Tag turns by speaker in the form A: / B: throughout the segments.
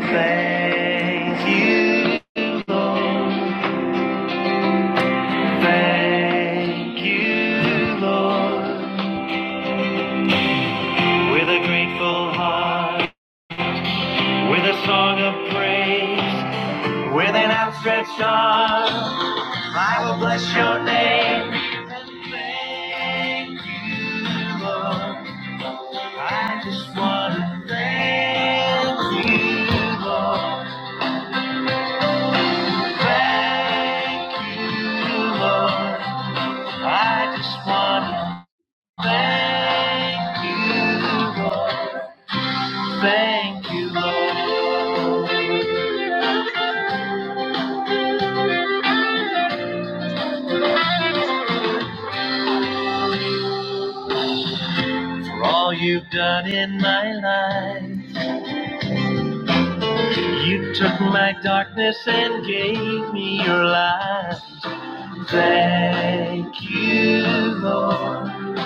A: Thank you, Lord. Thank you, Lord. With a grateful heart, with a song of praise, with an outstretched arm, I will bless your name. And thank you, Lord. I just want to thank you, Lord. Thank you, Lord. I just want to Thank you, Lord. thank you, Lord, for all you've done in my life. You took my darkness and gave me your light. Thank you, Lord.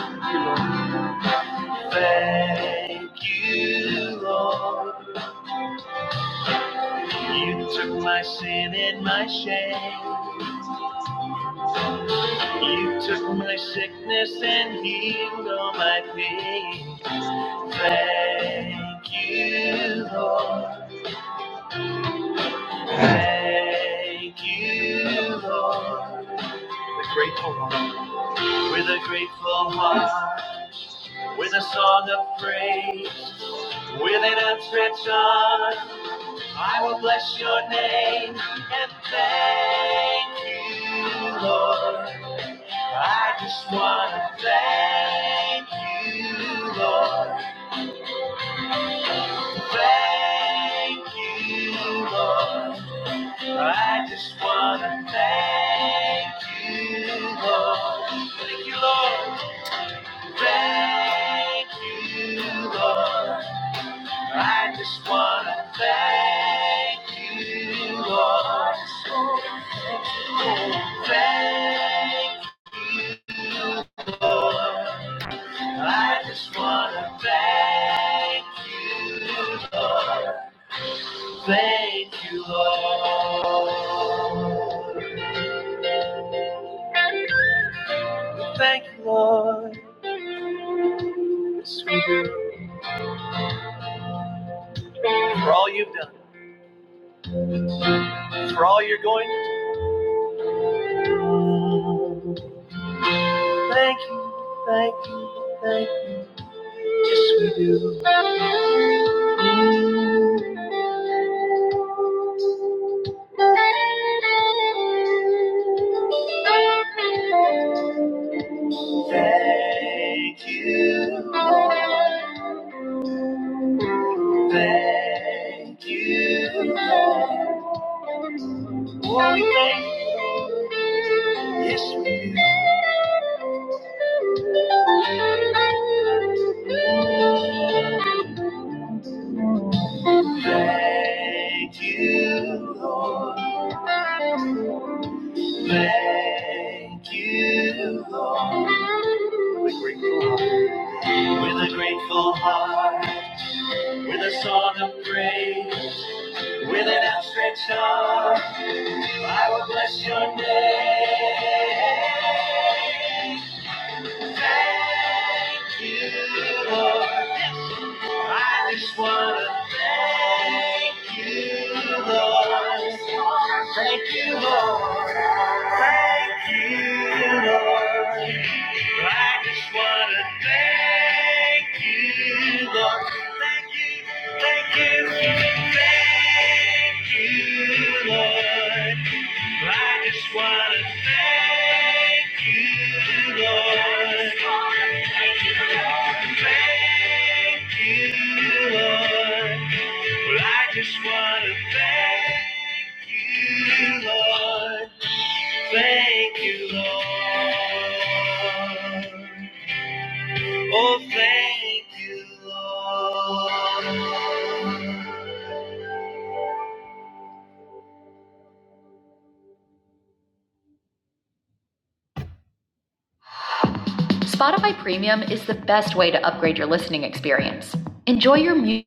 A: Thank you, Lord. You took my sin and my shame. You took my sickness and healed all my pain. Thank you, Lord. Thank you, Lord. The grateful heart. With a grateful heart. With a song of praise. With an outstretched arm. I will bless your name. And thank you, Lord. I just want to thank you, Lord. Thank you, Lord. I just wanna thank you, Lord. Thank you, Lord. Thank you, Lord. I just wanna thank you, Lord. Thank. I just wanna thank you, thank you, Lord. Thank you, Lord, sweet, for all you've done, for all you're going to do. Thank you, thank you, thank you. Yes, we do. Mm, Thank you. Thank you. Lord. Oh, we thank you. Yes, we do. Thank you, Lord. Thank you, Lord. With a grateful- heart, with a grateful heart, with a song of praise, with an outstretched arm, I will bless your name. Thank you, Lord. I just want to thank you, Lord. Thank you, Lord. Thank you, Lord. I just want to thank you, Lord. Thank you, thank you, thank you, Lord. I just want to thank you, Lord. Thank you, Lord. Well, I just want to thank you, Lord. Thank you, Lord. Oh, thank you, Lord. Spotify Premium is the best way to upgrade your listening experience. Enjoy your music.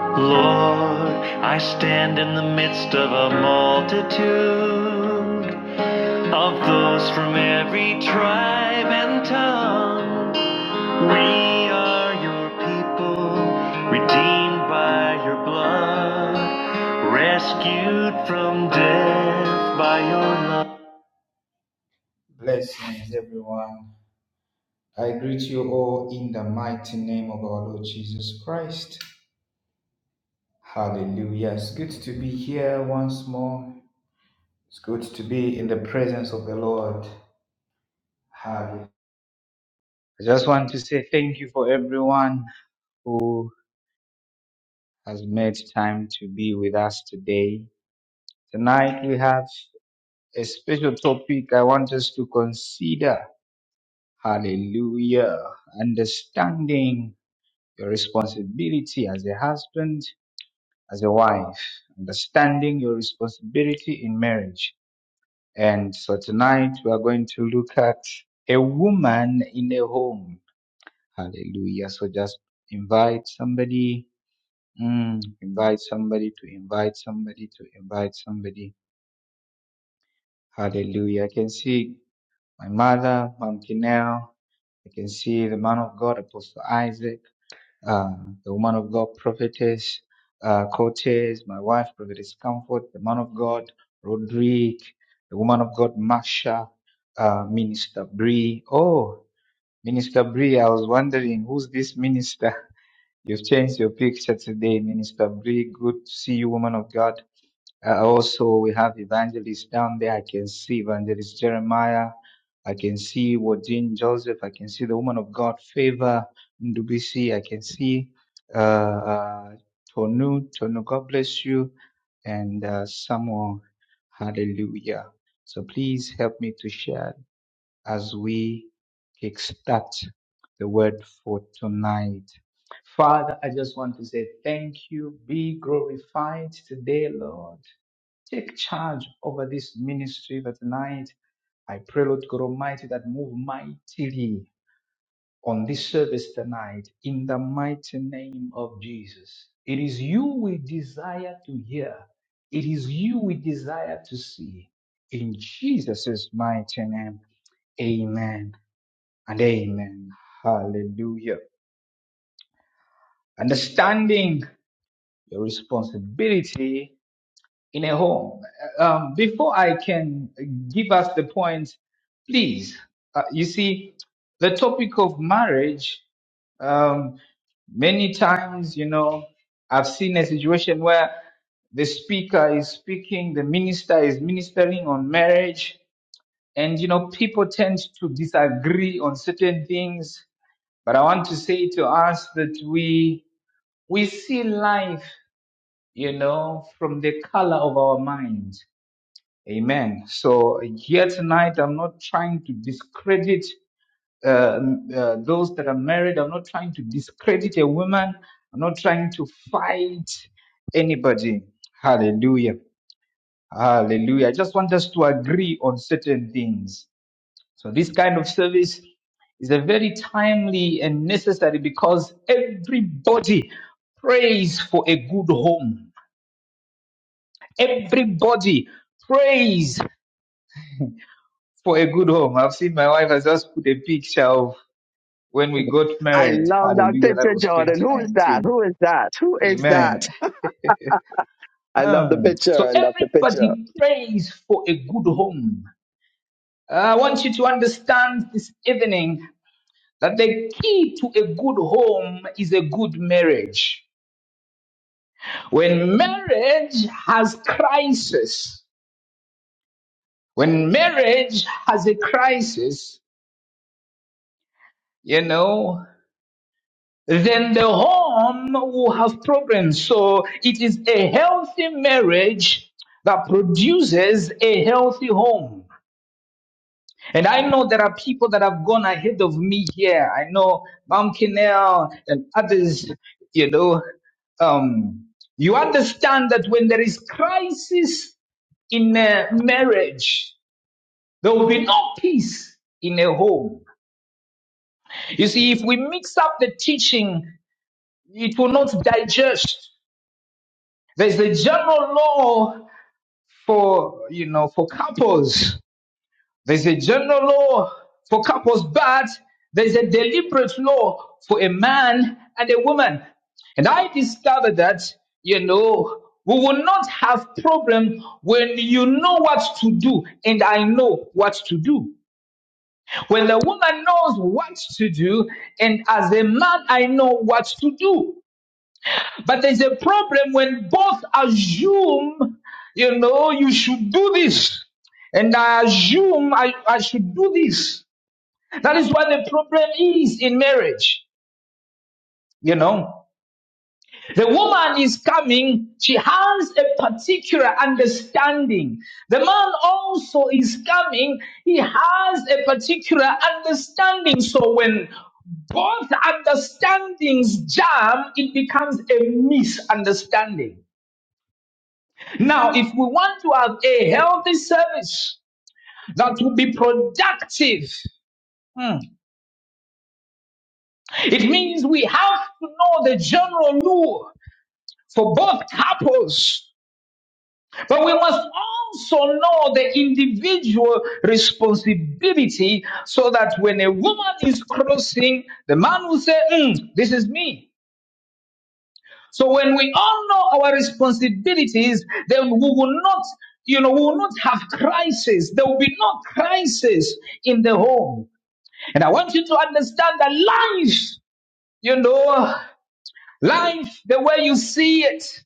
A: Lord, I stand in the midst of a multitude. Of those from every tribe and tongue, we are your people, redeemed by your blood, rescued from death by your love. Blessings, everyone. I greet you all in the mighty name of our Lord Jesus Christ. Hallelujah. It's good to be here once more. It's good to be in the presence of the Lord. Hallelujah. I just want to say thank you for everyone who has made time to be with us today. Tonight we have a special topic I want us to consider. Hallelujah. Understanding your responsibility as a husband, as a wife, understanding your responsibility in marriage. And so tonight we are going to look at a woman in a home. Hallelujah. So just invite somebody Mm, invite somebody to invite somebody to invite somebody. Hallelujah. I can see my mother, Mom Kinell. I can see the man of God, Apostle Isaac, uh, the woman of God, Prophetess uh, Cortez, my wife, Prophetess Comfort, the man of God, Rodrigue, the woman of God, Marsha, uh, Minister Bree. Oh, Minister Bree, I was wondering who's this minister? You've changed your picture today, Minister Bree. Good to see you, woman of God. Uh, also, we have evangelist down there. I can see evangelist Jeremiah. I can see Wardin Joseph. I can see the woman of God, Favor Ndubisi. I can see uh, uh, Tonu. Tonu, God bless you. And uh, Samuel, hallelujah. So please help me to share as we kickstart the word for tonight. Father, I just want to say thank you. Be glorified today, Lord. Take charge over this ministry for tonight. I pray, Lord God Almighty, that move mightily on this service tonight in the mighty name of Jesus. It is you we desire to hear. It is you we desire to see. In Jesus' mighty name, amen and amen. Hallelujah. Understanding your responsibility in a home. Um, before I can give us the points, please, uh, you see, the topic of marriage, um, many times, you know, I've seen a situation where the speaker is speaking, the minister is ministering on marriage, and, you know, people tend to disagree on certain things. But I want to say to us that we, we see life, you know, from the color of our mind Amen. So here tonight, I'm not trying to discredit uh, uh, those that are married. I'm not trying to discredit a woman. I'm not trying to fight anybody. Hallelujah. Hallelujah. I just want us to agree on certain things. So this kind of service is a very timely and necessary because everybody prays for a good home. Everybody prays for a good home. I've seen my wife has just put a picture of when we got
B: I
A: married.
B: love that
A: Hallelujah. That
B: picture,
A: was
B: Jordan. Who is that?
A: 2019.
B: Who is that? Who is
A: Amen.
B: that? I love the
A: Mm.
B: picture.
A: So
B: I love the picture.
A: everybody prays for a good home. I want you to understand this evening that the key to a good home is a good marriage. When marriage has crisis, when marriage has a crisis, you know, then the home will have problems. So it is a healthy marriage that produces a healthy home. And I know there are people that have gone ahead of me here. I know Mom Kinnell and others, you know. Um, you understand that when there is crisis in a marriage, there will be no peace in a home. You see, if we mix up the teaching, it will not digest. There's a general law for, you know, for couples. There's a general law for couples, but there's a deliberate law for a man and a woman. And I discovered that, you know, we will not have problem when you know what to do and I know what to do. When the woman knows what to do and as a man I know what to do. But there's a problem when both assume, you know, you should do this. And I assume I, I should do this. That is what the problem is in marriage, you know. The woman is coming, she has a particular understanding. The man also is coming, he has a particular understanding. So when both understandings jam, it becomes a misunderstanding. Now, if we want to have a healthy service that will be productive, hmm, it means we have to know the general rule for both couples, but we must also know the individual responsibility so that when a woman is crossing, the man will say, "Hmm, This is me. So when we all know our responsibilities, then we will not, you know, we will not have crisis. There will be no crisis in the home. And I want you to understand that life, you know, life, the way you see it,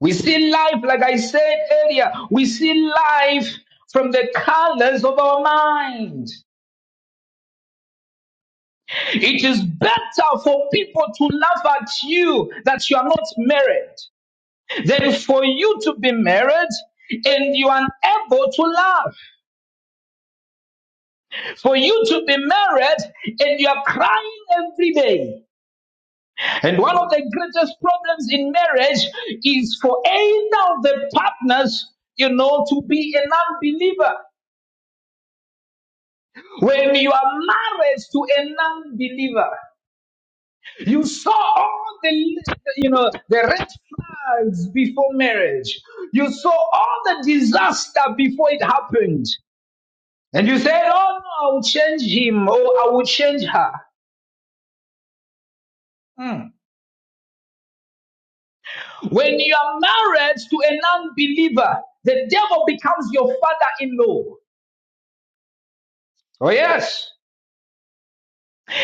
A: we see life, like I said earlier, we see life from the colors of our mind. It is better for people to laugh at you that you are not married Then for you to be married and you are unable to love. For you to be married and you are crying every day. And one of the greatest problems in marriage is for either of the partners, you know, to be an unbeliever. When you are married to an unbeliever, you saw all the, you know, the red flags before marriage. You saw all the disaster before it happened. And you said, oh no, I will change him or I will change her. Mm. When you are married to a non believer, the devil becomes your father in law. Oh, yes.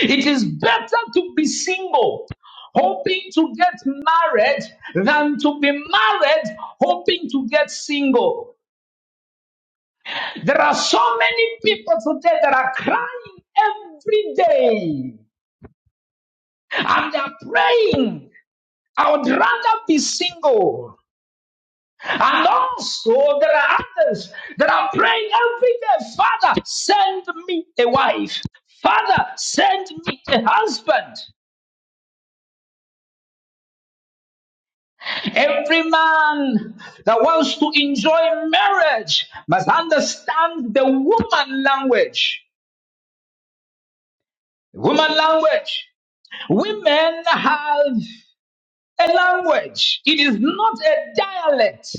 A: It is better to be single, hoping to get married, than to be married, hoping to get single. There are so many people today that are crying every day and they're praying. I would rather be single. And also, there are others that are praying every day Father, send me a wife. Father, send me a husband. Every man that wants to enjoy marriage must understand the woman language. Woman language. Women have a language, it is not a dialect.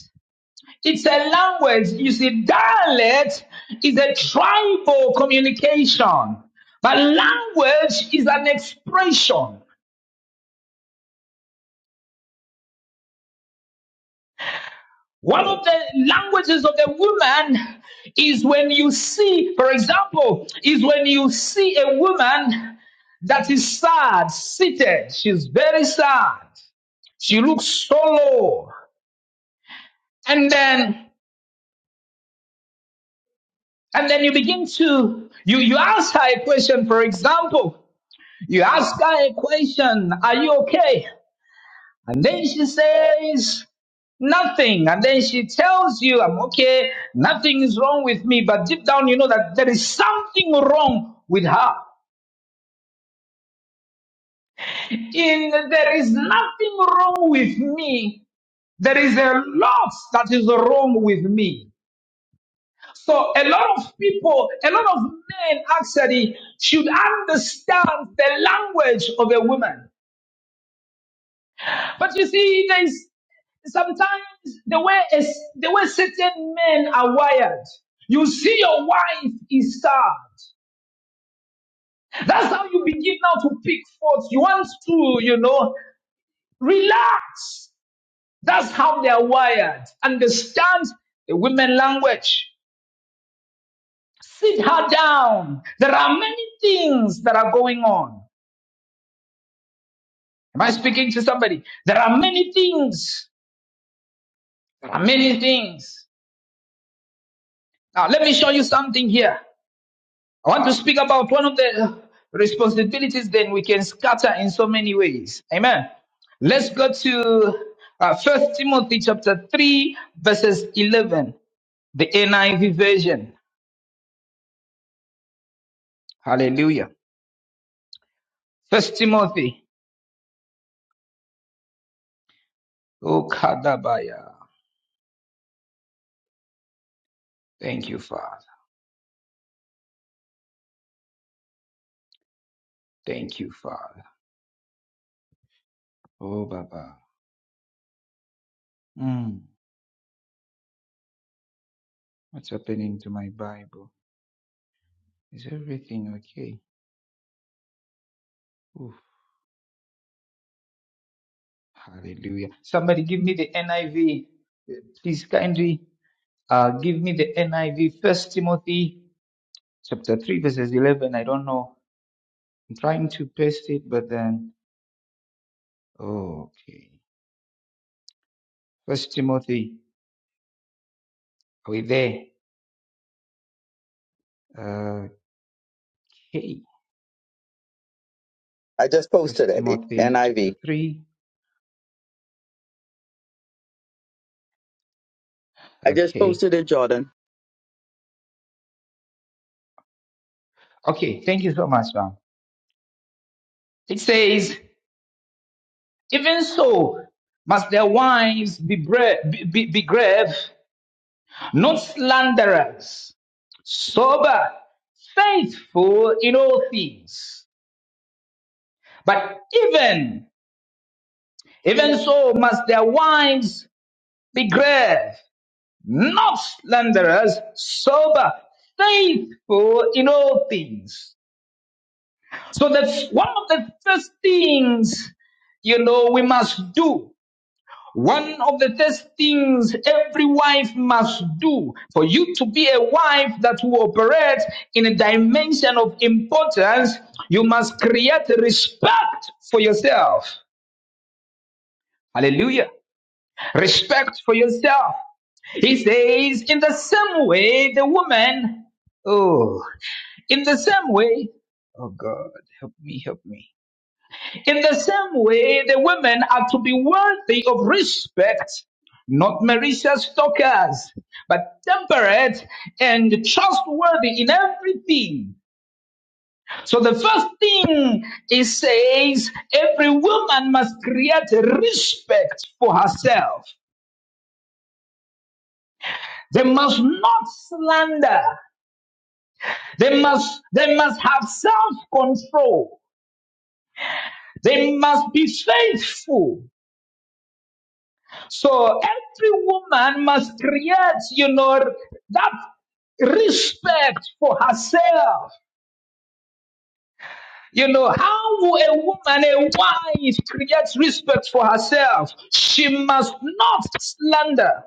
A: It's a language, it's a dialect, it's a tribal communication. But language is an expression. One of the languages of the woman is when you see, for example, is when you see a woman that is sad, seated. She's very sad. She looks so low. And then, and then you begin to, you, you ask her a question, for example, You ask her a question, are you okay? And then she says, nothing. And then she tells you, I'm okay, nothing is wrong with me. But deep down, you know that there is something wrong with her. In there is nothing wrong with me. There is a lot that is wrong with me. So a lot of people, a lot of men actually should understand the language of a woman. But you see, there is sometimes the way is the way certain men are wired. You see your wife is sad. That's how you begin now to pick faults. You want to, you know, relax. That's how they are wired. Understand the women language. Sit her down. There are many things that are going on. Am I speaking to somebody? There are many things. There are many things. Now let me show you something here. I want to speak about one of the responsibilities then we can scatter in so many ways. Amen. Let's go to uh, 1 Timothy chapter 3 verses 11, the NIV version. Hallelujah. First Timothy. Oh, Kadabaya. Thank you, Father. Thank you, Father. Oh, Baba. Mm, what's happening to my Bible? Is everything okay? Oof, hallelujah. Somebody give me the NIV. Please kindly Uh, give me the NIV, First Timothy chapter 3, verses 11. I don't know. I'm trying to paste it, but then, okay. First Timothy, are we there? Okay.
B: I just posted
A: First
B: it,
A: Timothy
B: NIV. I
A: chapter
B: V.
A: 3.
B: I just
A: Okay.
B: posted it, Jordan.
A: Okay. Thank you so much, ma'am. It says, even so must their wives be, bra- be, be, be grave, not slanderers, sober, faithful in all things. But even Even so must their wives be grave, not slanderers, sober, faithful in all things. So that's one of the first things, you know, we must do. One of the first things every wife must do for you to be a wife that will operate in a dimension of importance, you must create respect for yourself. Hallelujah. Respect for yourself. He says, in the same way, the woman, oh, in the same way, oh God, help me, help me. In the same way, the women are to be worthy of respect, not malicious talkers, but temperate and trustworthy in everything. So the first thing it says, every woman must create respect for herself. They must not slander. They must, they must have self-control. They must be faithful. So every woman must create, you know, that respect for herself. You know, how will a woman, a wife, creates respect for herself? She must not slander.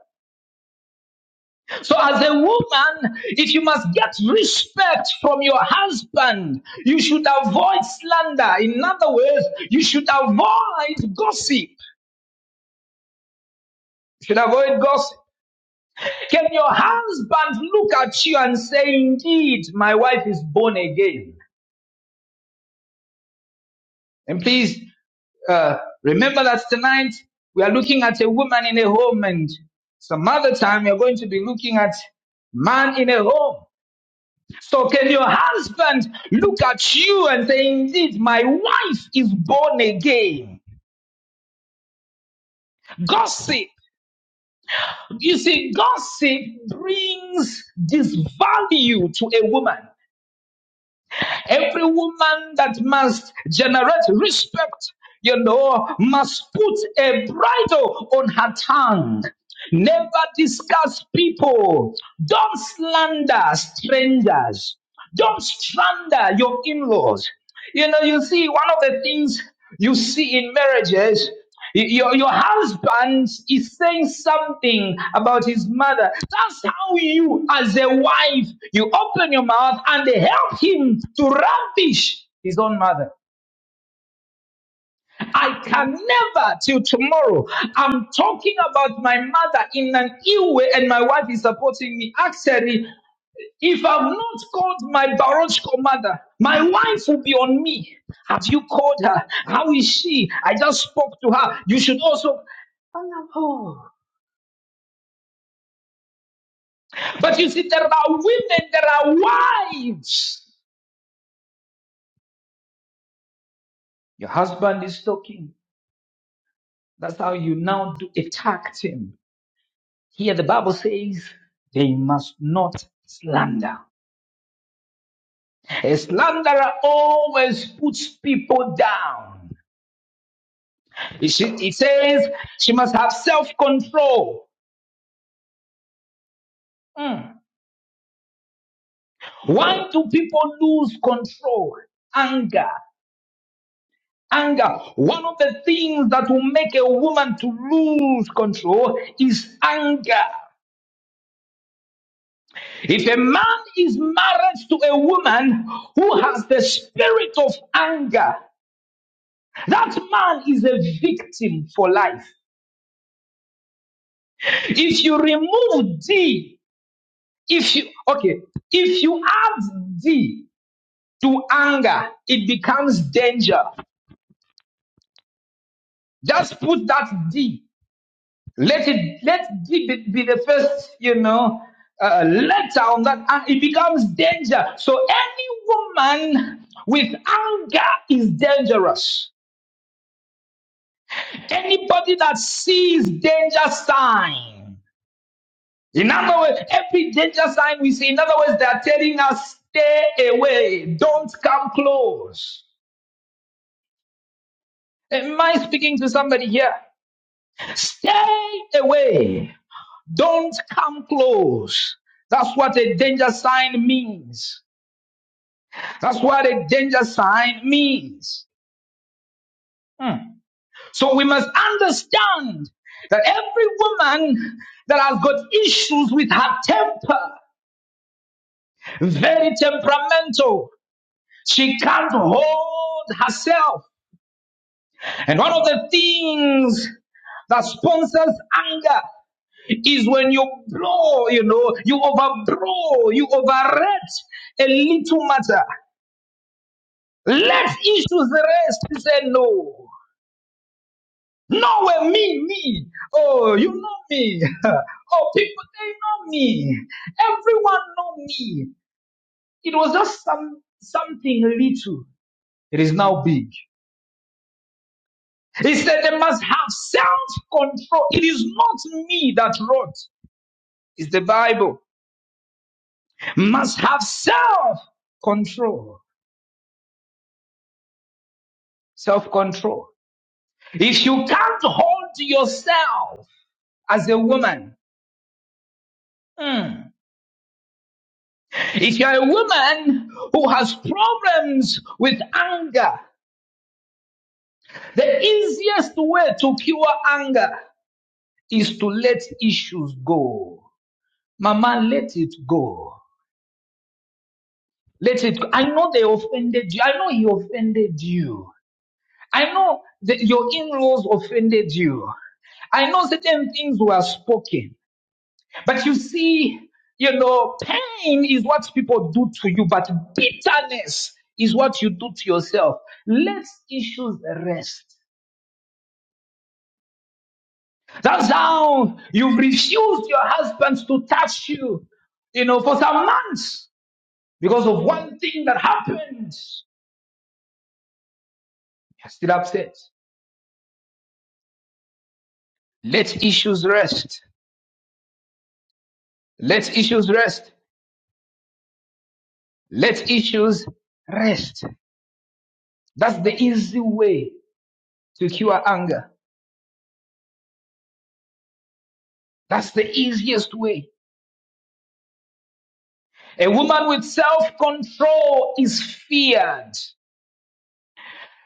A: So, as a woman, if you must get respect from your husband, you should avoid slander. In other words, you should avoid gossip. You should avoid gossip. Can your husband look at you and say, Indeed, my wife is born again? And please uh, remember that tonight we are looking at a woman in a home, and some other time we are going to be looking at man in a home. So can your husband look at you and say, Indeed, my wife is born again? Gossip. You see, gossip brings this value to a woman. Every woman that must generate respect, you know, must put a bridle on her tongue. Never discuss people. Don't slander strangers. Don't slander your in laws. You know, you see, one of the things you see in marriages your, your husband is saying something about his mother. That's how you, as a wife, you open your mouth and help him to ravish his own mother. I can never till tomorrow. I'm talking about my mother in an ill way, and my wife is supporting me. Actually, if I've not called my biological mother, my wife will be on me. Have you called her? How is she? I just spoke to her. You should also. But you see, there are women, there are wives. Your husband is talking. That's how you now do attack him. Here the Bible says they must not slander. A slanderer always puts people down. It sh- it says she must have self-control. Mm. Why do people lose control? Anger. Anger. One of the things that will make a woman to lose control is anger. If a man is married to a woman who has the spirit of anger, that man is a victim for life. If you remove D, if you okay, if you add D to anger, it becomes danger. Just put that D. Let it let D be, be the first, you know, uh, letter on that. and It becomes danger. So any woman with anger is dangerous. Anybody that sees danger sign, in other words, every danger sign we see, in other words, they are telling us, stay away, don't come close. Am I speaking to somebody here? Stay away, don't come close. That's what a danger sign means. That's what a danger sign means. Hmm. So we must understand that every woman that has got issues with her temper, very temperamental. She can't hold herself. And one of the things that sponsors anger is when you blow, you know, you overblow, you overrate a little matter. Let issues rest. He said, no. No, well, me, me. Oh, you know me. oh, people, they know me. Everyone know me. It was just some something little. It is now big. He said they must have self-control. It is not me that wrote. It's the Bible. Must have self-control. Self-control. If you can't hold yourself as a woman, hmm, if you're a woman who has problems with anger, the easiest way to cure anger is to let issues go. Mama, let it go. Let it go. I know they offended you. I know he offended you. I know that your in-laws offended you. I know certain things were spoken. But you see, you know, pain is what people do to you, but bitterness is what you do to yourself. Let issues rest. That's how you've refused your husband to touch you, you know, for some months because of one thing that happened. You're still upset. Let issues rest. Let issues rest. Let issues rest. That's the easy way to cure anger. That's the easiest way. A woman with self control is feared.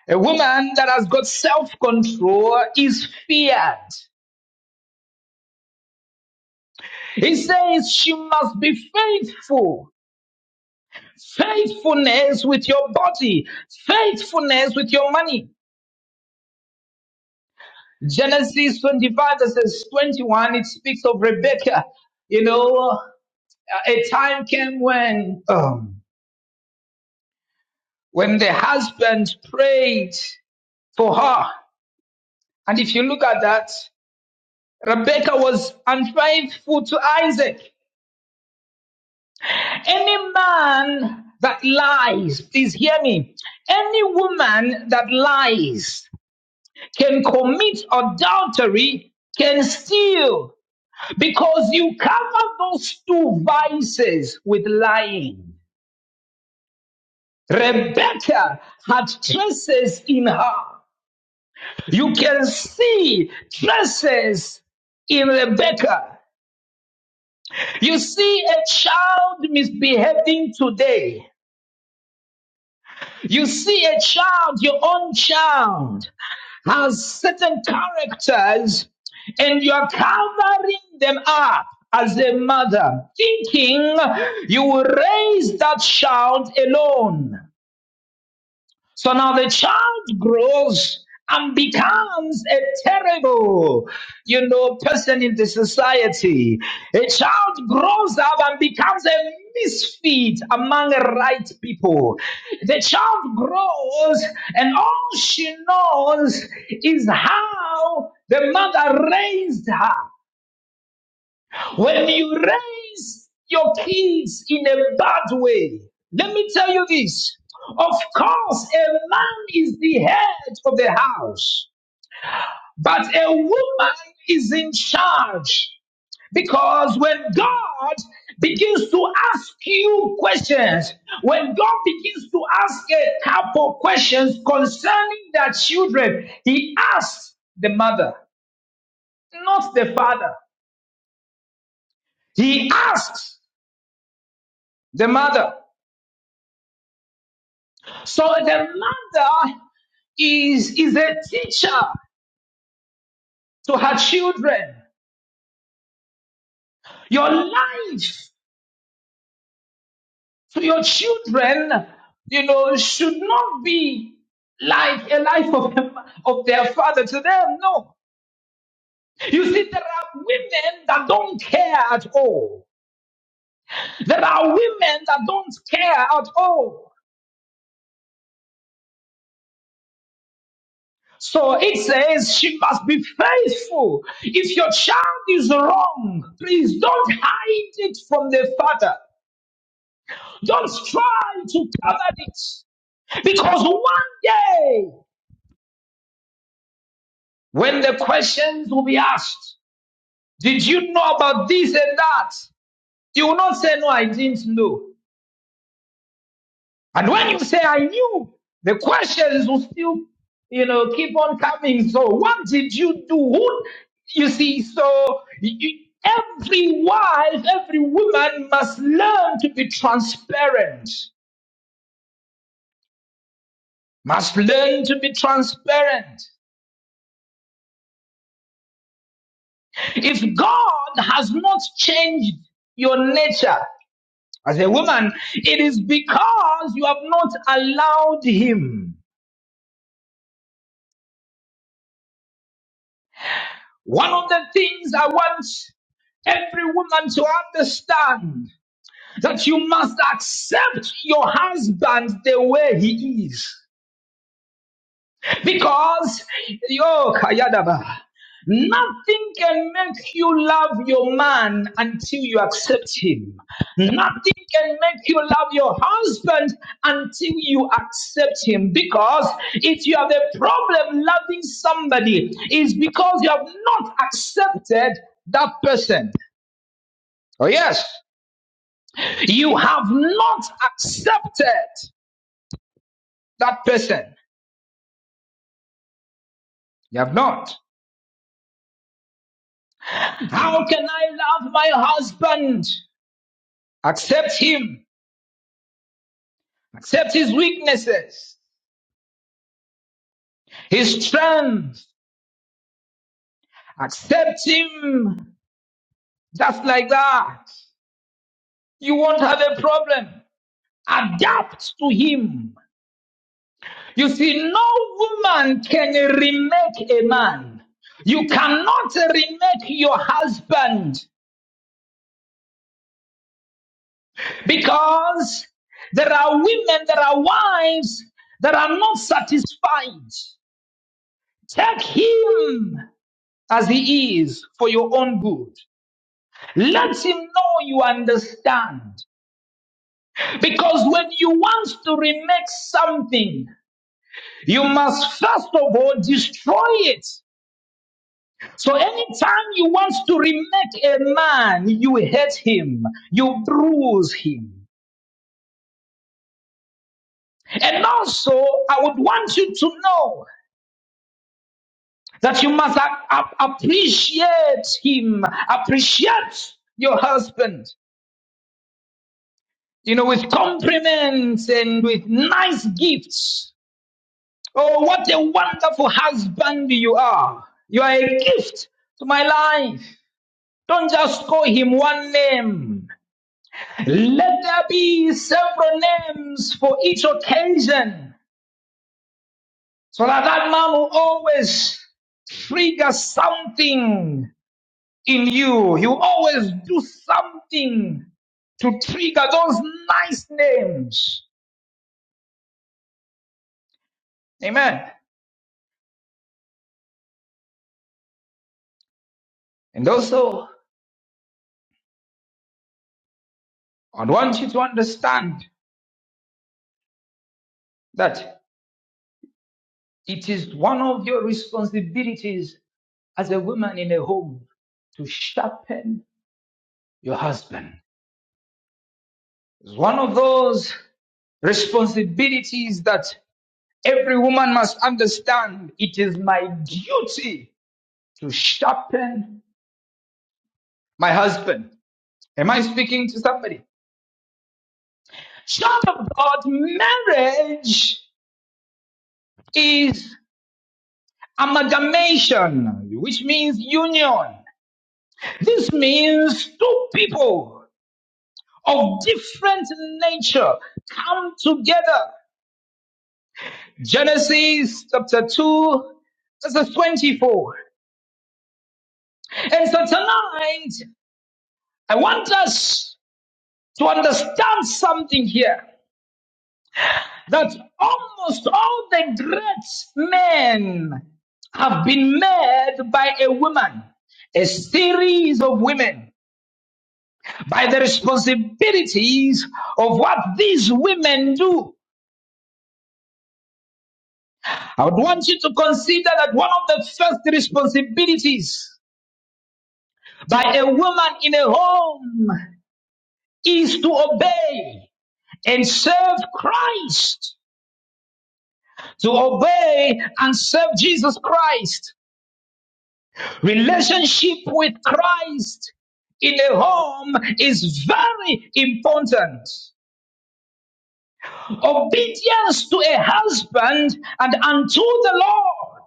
A: A woman that has got self control is feared. He says she must be faithful. Faithfulness with your body, faithfulness with your money, Genesis 25 verses 21, it speaks of Rebecca. You know, uh, a time came when, um, when the husband prayed for her. And if you look at that, Rebecca was unfaithful to Isaac. Any man that lies, please hear me. Any woman that lies can commit adultery, can steal, Because you cover those two vices with lying. Rebecca had traces in her. You can see traces in Rebecca. You see a child misbehaving today. You see a child, your own child. has certain characters and you're covering them up as a mother, thinking you will raise that child alone. So now the child grows and becomes a terrible, you know, person in the society. A child grows up and becomes a misfit among the right people. The child grows and all she knows is how the mother raised her. When you raise your kids in a bad way, let me tell you this. Of course, a man is the head of the house, but a woman is in charge. Because when God begins to ask you questions, when God begins to ask a couple questions concerning their children, He asks the mother, not the father. He asks the mother. So the mother is, is a teacher to her children. Your life to your children, you know, should not be like a life of, of their father to them. No. You see, there are women that don't care at all. There are women that don't care at all. So it says she must be faithful. If your child is wrong, please don't hide it from the father. Just try to cover it. Because one day, when the questions will be asked, did you know about this and that? You will not say, no, I didn't know. And when you say, I knew, the questions will still, you know, keep on coming. So what did you do? Who, you see, so you, every wife, every woman must learn to be transparent must learn to be transparent. If God has not changed your nature as a woman, it is because you have not allowed Him. One of the things I want every woman to understand that you must accept your husband the way he is. Because, yo, Kayadaba, nothing can make you love your man until you accept him. Nothing can make you love your husband until you accept him. Because if you have a problem loving somebody, it's because you have not accepted that person. Oh, yes. You have not accepted that person. You have not. How can I love my husband? Accept him. Accept his weaknesses, his strength. Accept him just like that. You won't have a problem. Adapt to him. You see, no woman can remake a man. You cannot remake your husband because there are women, there are wives that are not satisfied. Take him as he is for your own good. Let him know you understand. Because when you want to remake something, you must first of all destroy it. So anytime you want to remake a man, you hate him, you bruise him. And also, I would want you to know that you must a- a- appreciate him, appreciate your husband, you know, with compliments and with nice gifts Oh, what a wonderful husband you are. You are a gift to my life. Don't just call him one name. Let there be several names for each occasion so that that man will always trigger something in you. You always do something to trigger those nice names. Amen. And also, I want you to understand that. It is one of your responsibilities as a woman in a home to sharpen your husband. It's one of those responsibilities that every woman must understand. It is my duty to sharpen my husband. Am I speaking to somebody? Short of God, marriage is amalgamation, which means union. This means two people of different nature come together. Genesis chapter 2, verse 24. And so tonight, I want us to understand something here that almost all the great men have been made by a woman, a series of women, by the responsibilities of what these women do. I would want you to consider that one of the first responsibilities by a woman in a home is to obey and serve Christ. To obey and serve Jesus Christ. Relationship with Christ in a home is very important. Obedience to a husband and unto the Lord.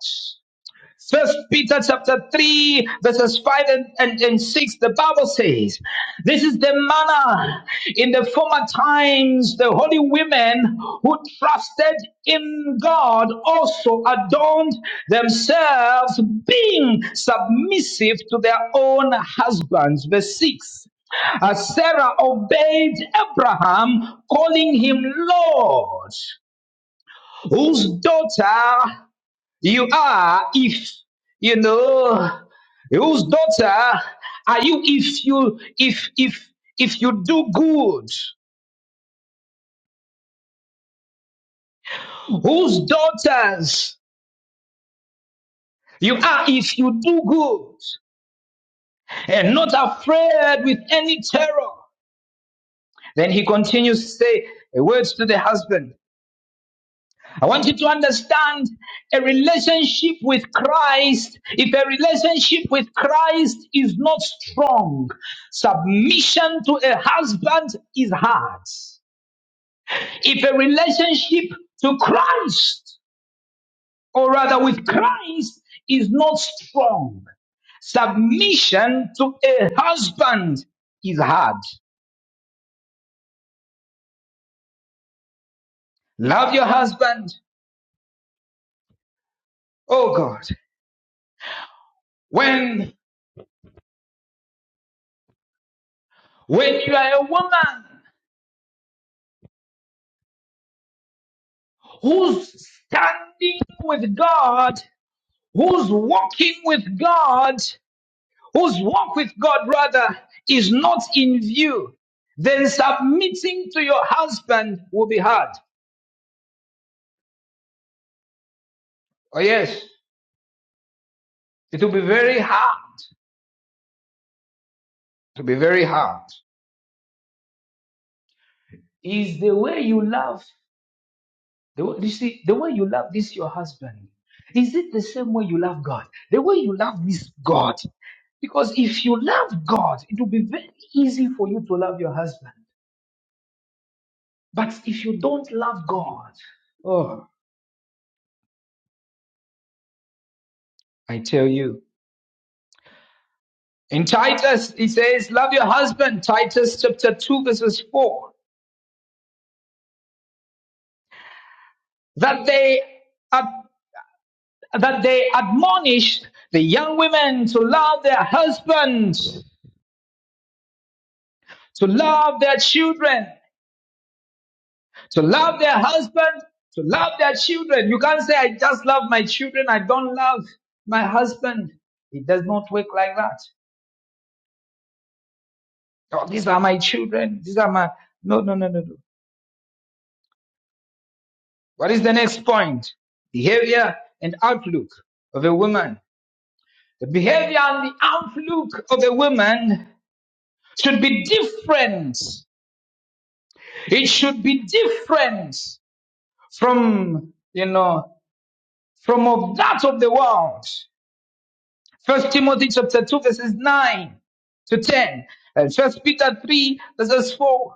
A: First Peter chapter 3, verses 5 and, and, and 6, the Bible says, This is the manner in the former times the holy women who trusted in God also adorned themselves, being submissive to their own husbands. Verse 6. As Sarah obeyed Abraham, calling him Lord, whose daughter you are if you know whose daughter are you if you if if if you do good whose daughters you are if you do good and not afraid with any terror then he continues to say words to the husband I want you to understand a relationship with Christ. If a relationship with Christ is not strong, submission to a husband is hard. If a relationship to Christ, or rather with Christ, is not strong, submission to a husband is hard. Love your husband. Oh God. When, when you are a woman who's standing with God, who's walking with God, whose walk with God rather is not in view, then submitting to your husband will be hard. Oh yes, it will be very hard. It will be very hard. Is the way you love, the way, you see, the way you love this your husband, is it the same way you love God? The way you love this God because if you love God, it will be very easy for you to love your husband. But if you don't love God, oh, I tell you. In Titus, he says, love your husband, Titus chapter 2 verses 4, that they, ad- that they admonish the young women to love their husbands, to love their children, to love their husbands, to love their children. You can't say, I just love my children. I don't love my husband. It does not work like that. Oh, these are my children. These are my, no, no, no, no, no. What is the next point? Behavior and outlook of a woman. The behavior and the outlook of a woman should be different. It should be different from, you know, from of that of the world. First Timothy chapter 2 verses 9 to 10. And First Peter 3 verses 4.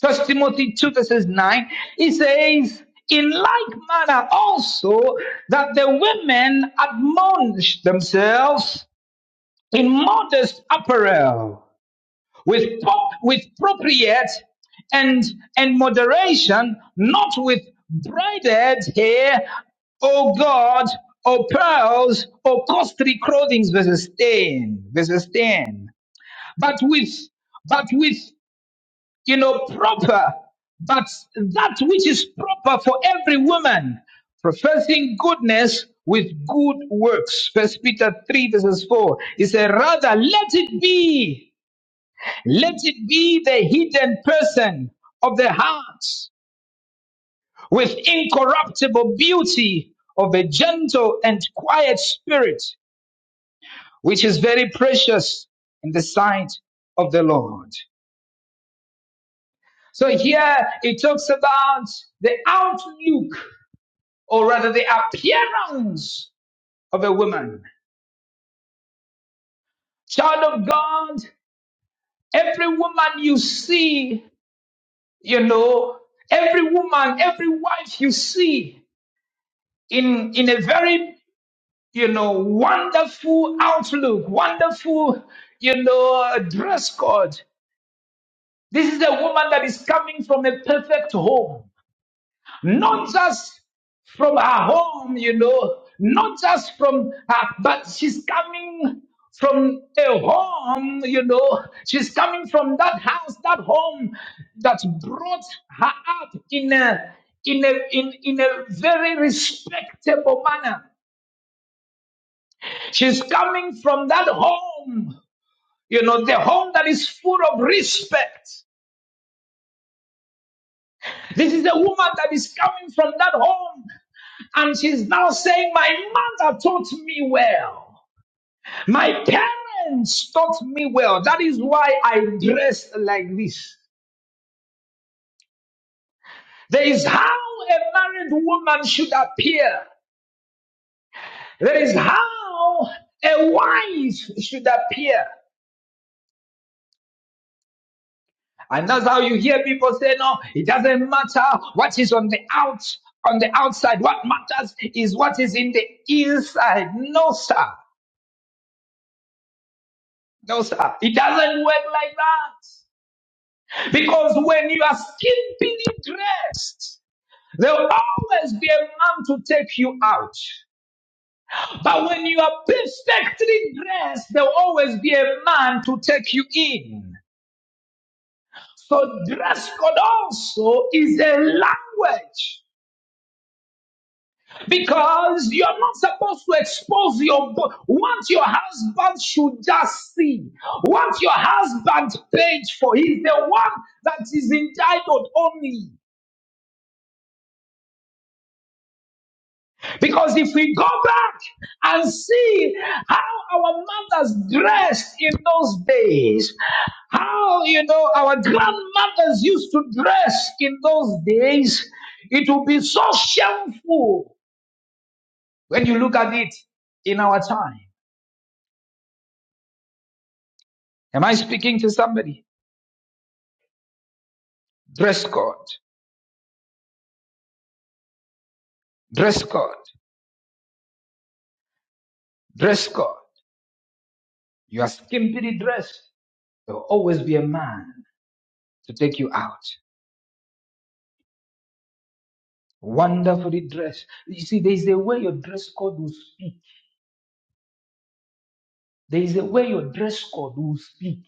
A: First Timothy 2 verses 9, it says, in like manner also that the women admonish themselves in modest apparel with, pop, with appropriate and, and moderation, not with braided hair, O God, or pearls, or costly clothing, verses 10, verses 10. But with, but with you know, proper, but that which is proper for every woman, professing goodness with good works. First Peter 3 verses 4. He said, rather let it be, let it be the hidden person of the heart with incorruptible beauty of a gentle and quiet spirit, which is very precious in the sight of the Lord. So here it talks about the outlook or rather the appearance of a woman. Child of God, every woman you see, you know, every woman, every wife you see in, in a very, you know, wonderful outlook, wonderful, you know, dress code. This is a woman that is coming from a perfect home. not just from her home, you know, not just from her, but she's coming from a home, you know, she's coming from that house, that home that brought her up in a in a in, in a very respectable manner. She's coming from that home, you know, the home that is full of respect. This is a woman that is coming from that home And she's now saying, My mother taught me well. My parents taught me well. That is why I dress like this. There is how a married woman should appear. There is how a wife should appear. And that's how you hear people say, no, it doesn't matter what is on the out, on the outside. What matters is what is in the inside. No, sir. No, sir. It doesn't work like that. Because when you are skimpily dressed, there'll always be a man to take you out. But when you are perfectly dressed, there'll always be a man to take you in. So dress code also is a language because you're not supposed to expose your bo- what your husband should just see, what your husband paid for. He's the one that is entitled only. Because if we go back and see how our mothers dressed in those days, how, you know, our grandmothers used to dress in those days, it will be so shameful when you look at it in our time. Am I speaking to somebody? Dress code, dress code, dress code. You are skimpily dressed. There will always be a man to take you out. Wonderfully dressed. You see, there is a way your dress code will speak. There is a way your dress code will speak.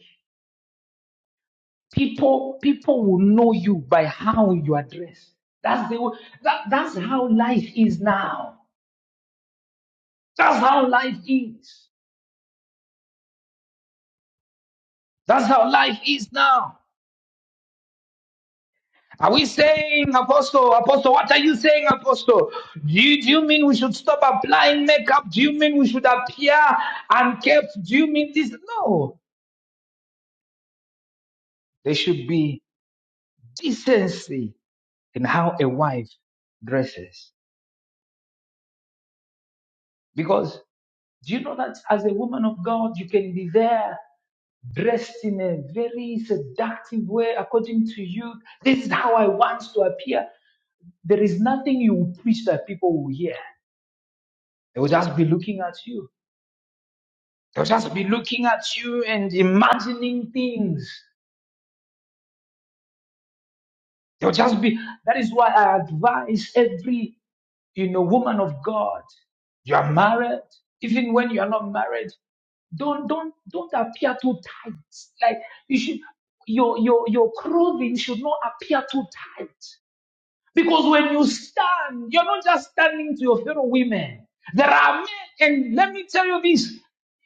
A: People, people will know you by how you are dressed. That's the way, that, that's how life is now. That's how life is. That's how life is now. Are we saying, Apostle, Apostle, what are you saying, Apostle? Do you, do you mean we should stop applying makeup? Do you mean we should appear and kept? Do you mean this? No. There should be decency in how a wife dresses. Because do you know that as a woman of God, you can be there dressed in a very seductive way according to you? This is how I want to appear. There is nothing you will preach that people will hear. They will just be looking at you. They'll just be looking at you and imagining things. They'll just be. That is why I advise every you know woman of God you are married, even when you are not married, Don't don't don't appear too tight. Like you should your your your clothing should not appear too tight. Because when you stand, you're not just standing to your fellow women. There are men, and let me tell you this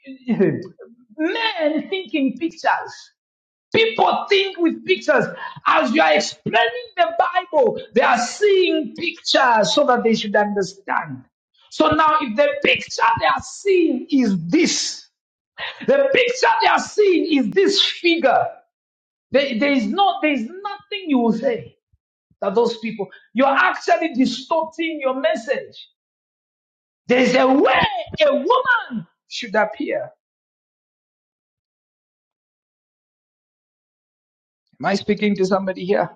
A: men think in pictures. People think with pictures. As you are explaining the Bible, they are seeing pictures so that they should understand. So now, if the picture they are seeing is this, the picture they are seeing is this figure. There, there is not, there is nothing you will say that those people, you're actually distorting your message. There is a way a woman should appear. Am I speaking to somebody here?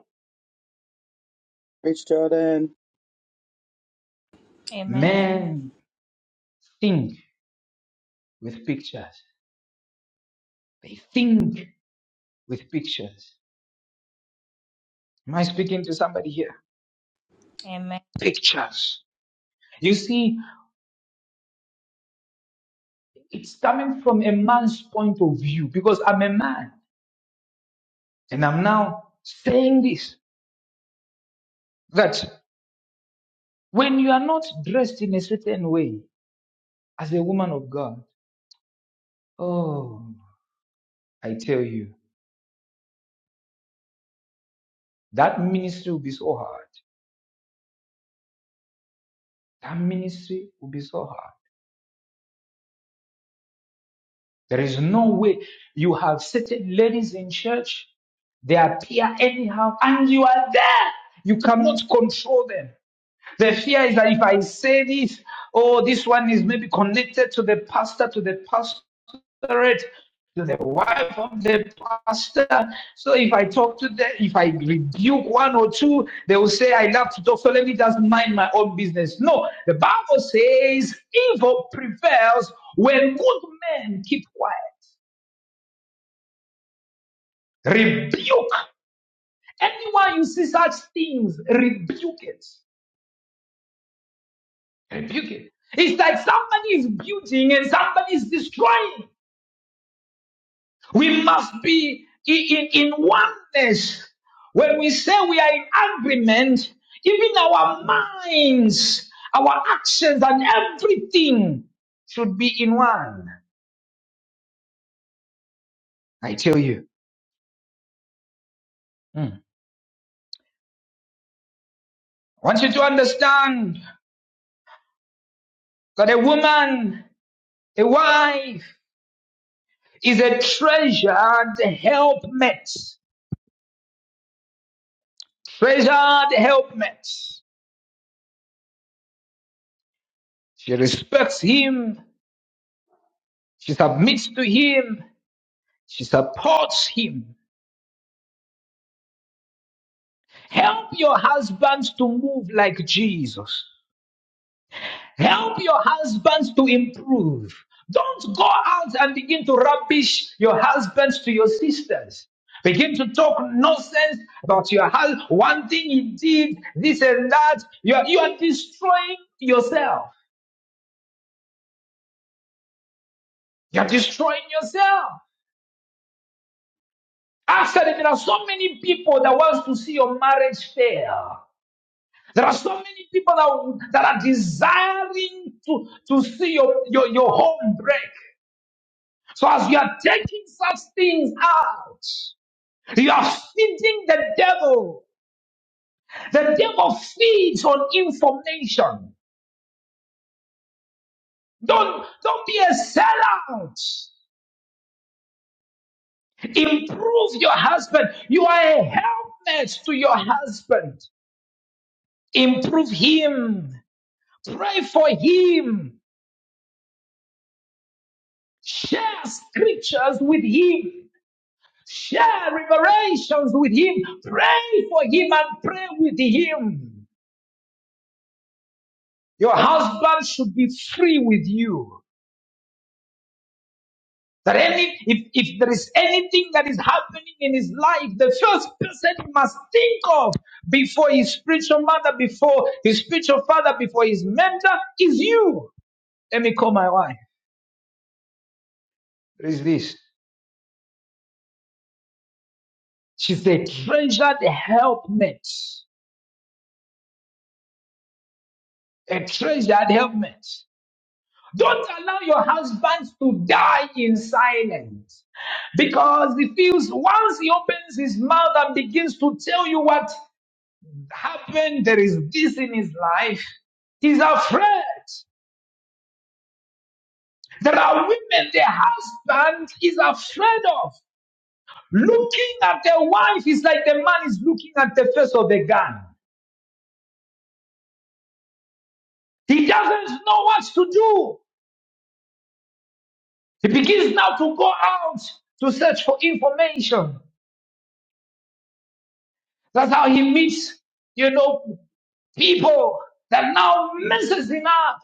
B: Rich Jordan.
C: Amen.
A: Men think with pictures. They think with pictures. Am I speaking to somebody here?
C: Amen.
A: Pictures. You see, it's coming from a man's point of view because I'm a man and I'm now saying this. that when you are not dressed in a certain way as a woman of God, oh, I tell you, that ministry will be so hard. That ministry will be so hard. There is no way you have certain ladies in church, they appear anyhow, and you are there. You cannot control them. The fear is that if I say this, oh, this one is maybe connected to the pastor, to the pastorate, to the wife of the pastor. So if I talk to them, if I rebuke one or two, they will say, I love to talk. So let me just mind my own business. No, the Bible says evil prevails when good men keep quiet. Rebuke. Anyone you see such things, rebuke it. Rebuke it. It's like somebody is building and somebody is destroying. We must be i- in, in oneness. When we say we are in agreement, even our minds, our actions, and everything should be in one. I tell you. Mm. I want you to understand that a woman, a wife, is a treasured helpmate. Treasured helpmate. She respects him She submits to him. She supports him. Help your husbands to move like Jesus. Help your husbands to improve. Don't go out and begin to rubbish your husbands to your sisters. Begin to talk nonsense about your husband. One thing he did, this and that. You are, you are destroying yourself. You are destroying yourself. Actually, there are so many people that wants to see your marriage fail. There are so many people that, w- that are desiring to, to see your, your, your home break. So as you are taking such things out, you are feeding the devil. The devil feeds on information. Don't, don't be a sellout. Improve your husband. You are a helpmate to your husband. Improve him. Pray for him. Share scriptures with him. Share revelations with him. Pray for him and pray with him. Your husband should be free with you. That any, if, if there is anything that is happening in his life, the first person he must think of before his spiritual mother, before his spiritual father, before his mentor is you. Let me call my wife. What is this? She's a treasured helpmate. A treasured helpmate. Don't allow your husbands to die in silence because he feels once he opens his mouth and begins to tell you what happened, there is this in his life, he's afraid. There are women the husband is afraid of. Looking at the wife is like the man is looking at the face of a gun. He doesn't know what to do. He begins now to go out to search for information. That's how he meets you know, people that now messes him up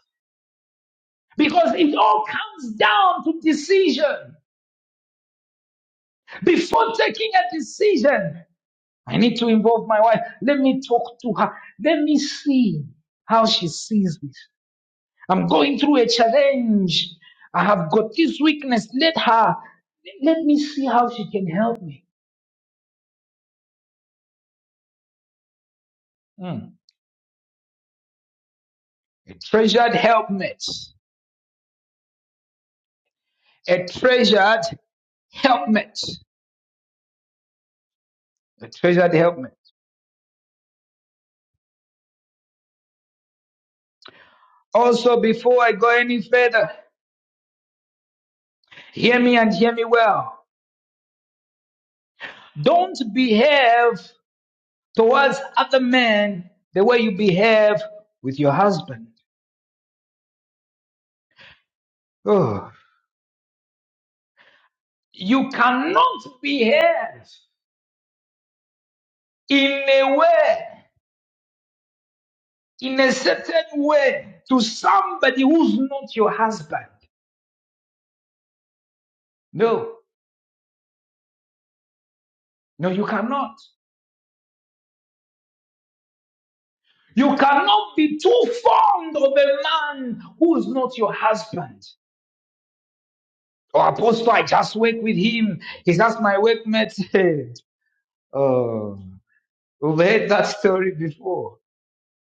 A: because it all comes down to decision. Before taking a decision, I need to involve my wife. Let me talk to her. Let me see how she sees this. I'm going through a challenge. I have got this weakness. Let her, let me see how she can help me. Mm. A treasured helpmate. A treasured helpmate. A treasured helpmate. Also, before I go any further, Hear me and hear me well. Don't behave towards other men the way you behave with your husband. Oh. You cannot behave in a way, in a certain way to somebody who's not your husband. No, no, you cannot. You cannot be too fond of a man who is not your husband. Oh, Apostle, I just work with him. He's just my workmate. oh. We've heard that story before.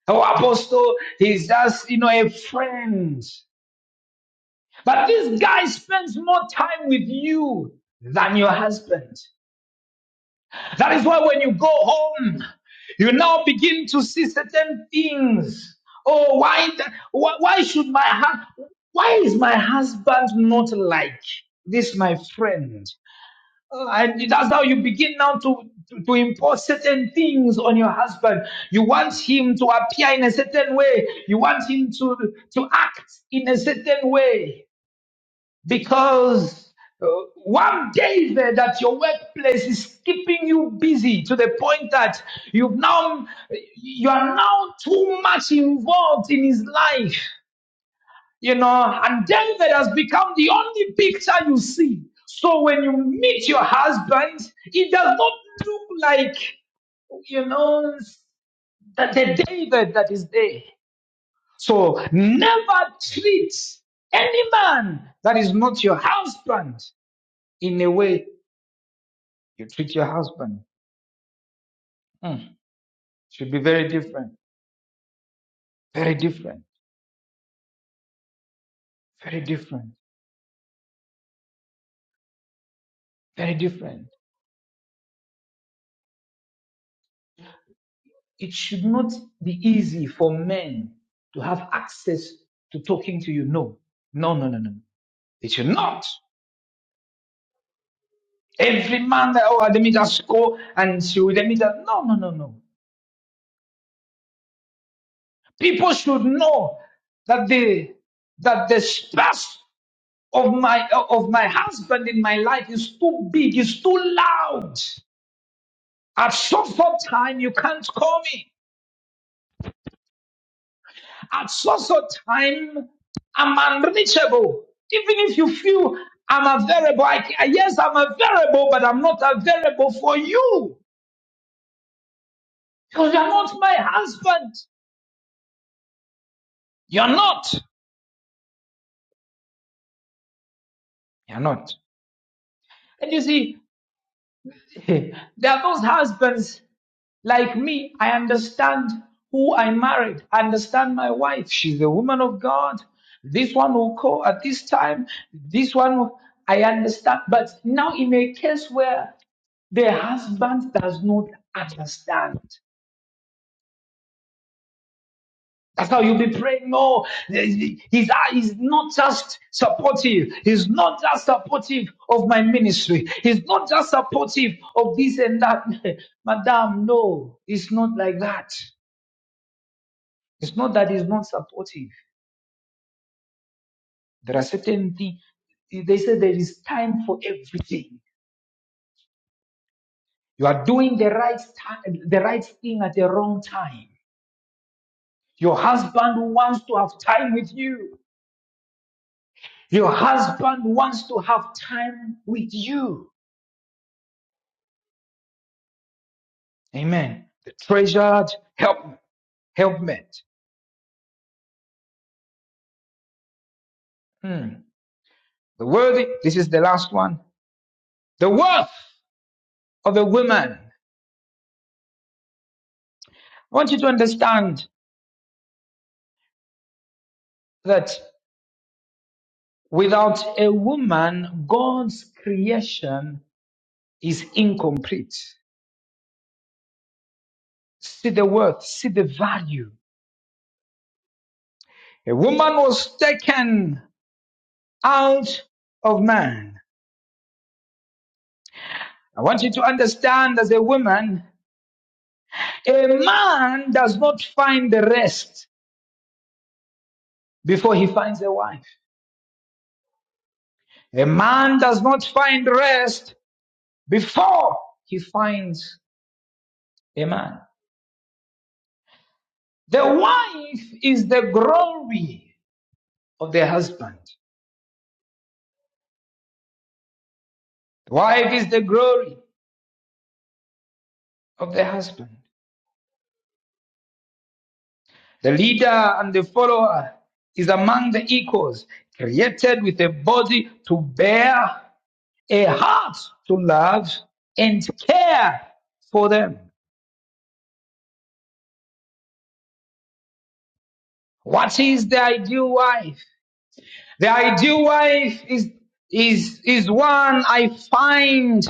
A: Our apostle, he's just, you know, a friend. But this guy spends more time with you than your husband. That is why when you go home, you now begin to see certain things. Oh, why, the- why, why should my, hu- why is my husband not like this, my friend? And that's how you begin now to, to, to impose certain things on your husband. You want him to appear in a certain way. You want him to, to act in a certain way. Because uh, one David at your workplace is keeping you busy to the point that you've now, you are now too much involved in his life you know, and David has become the only picture you see. So when you meet your husband, it does not look like, you know, that the David that is there. So never treat any man that is not your husband in a way you treat your husband. Hmm. Should be very different, very different, very different, very different. It should not be easy for men to have access to talking to you. No, no, no, no, no. It should not. Every man that, oh, let me just go and she will, let me just, no, no, no, no. People should know that the, that the space of my, of my husband in my life is too big, is too loud. At some point time, you can't call me. At such a time, I'm unreachable. Even if you feel I'm available, I, can- yes, I'm available, but I'm not available for you because you're not my husband. You're not. You're not. And you see, there are those husbands like me. I understand who I married. I understand my wife. She's a woman of God. This one will call at this time. This one, will- I understand. But now in a case where The husband does not understand. That's how you'll be praying. No, he's, he's not just supportive. He's not just supportive of my ministry. He's not just supportive of this and that. Madam, no, it's not like that. It's not that he's not supportive. There are certain things. They say there is time for everything. You are doing the right time, the right thing at the wrong time. Your husband wants to have time with you. Your husband wants to have time with you. Amen. The treasured help helpmate. Hmm. The worthy. This is the last one. The worth of a woman. I want you to understand that without a woman, God's creation is incomplete. See the worth, see the value. A woman was taken out of man. I want you to understand as a woman A man does not find the rest before he finds a wife. A man does not find rest before he finds a man. The wife is the glory of the husband. The wife is the glory of the husband. The leader and the follower is among the equals, created with a body to bear, a heart to love, and care for them. What is the ideal wife? The ideal wife is, is, is one I find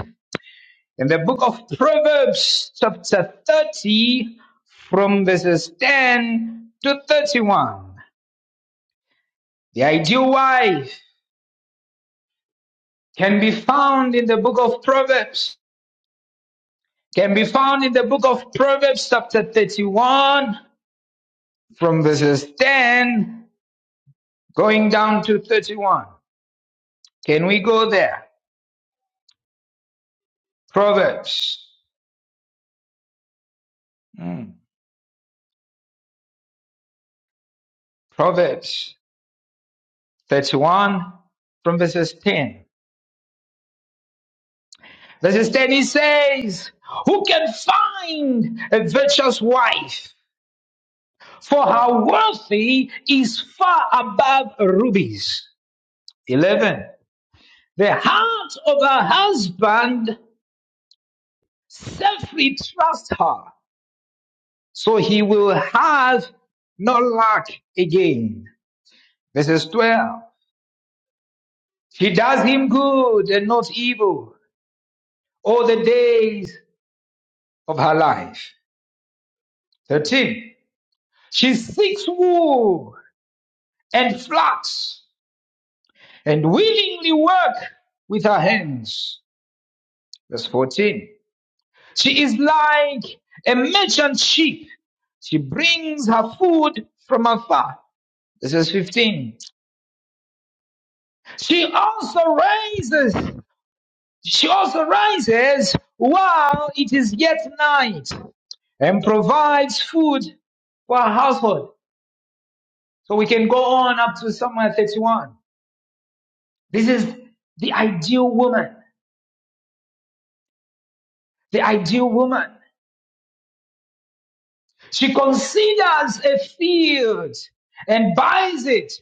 A: in the book of Proverbs, chapter 30, from verses 10 to 31. The ideal wife can be found in the book of Proverbs, can be found in the book of Proverbs, chapter 31, from verses 10 going down to 31. Can we go there? Proverbs. Mm. Proverbs 31 from verses 10. Verses 10 he says, Who can find a virtuous wife? For her wealthy is far above rubies. 11. The heart of her husband safely trusts her, so he will have no lack again. Verses 12. She does him good and not evil all the days of her life. 13. She seeks wool and flax and willingly work with her hands. Verse 14. She is like a merchant ship. She brings her food from afar. This is 15. She also rises. she also rises while it is yet night and provides food for her household. So we can go on up to somewhere 31. This is the ideal woman. The ideal woman. She considers a field and buys it.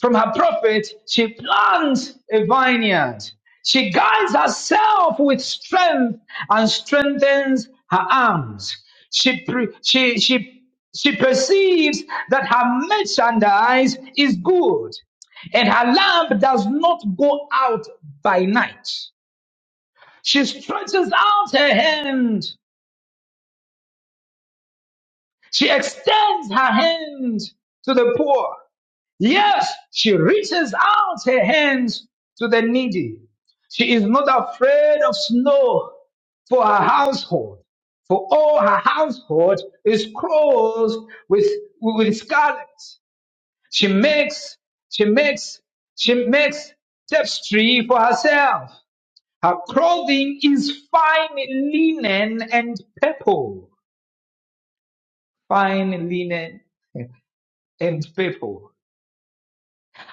A: From her prophet, she plants a vineyard. She guides herself with strength and strengthens her arms. She, pre- she, she, she perceives that her merchandise is good and her lamp does not go out by night. She stretches out her hand. She extends her hand to the poor. Yes, she reaches out her hands to the needy. She is not afraid of snow for her household, for all her household is clothed with, with scarlet. She makes, she makes, she makes tapestry for herself. Her clothing is fine linen and purple. fine linen and purple.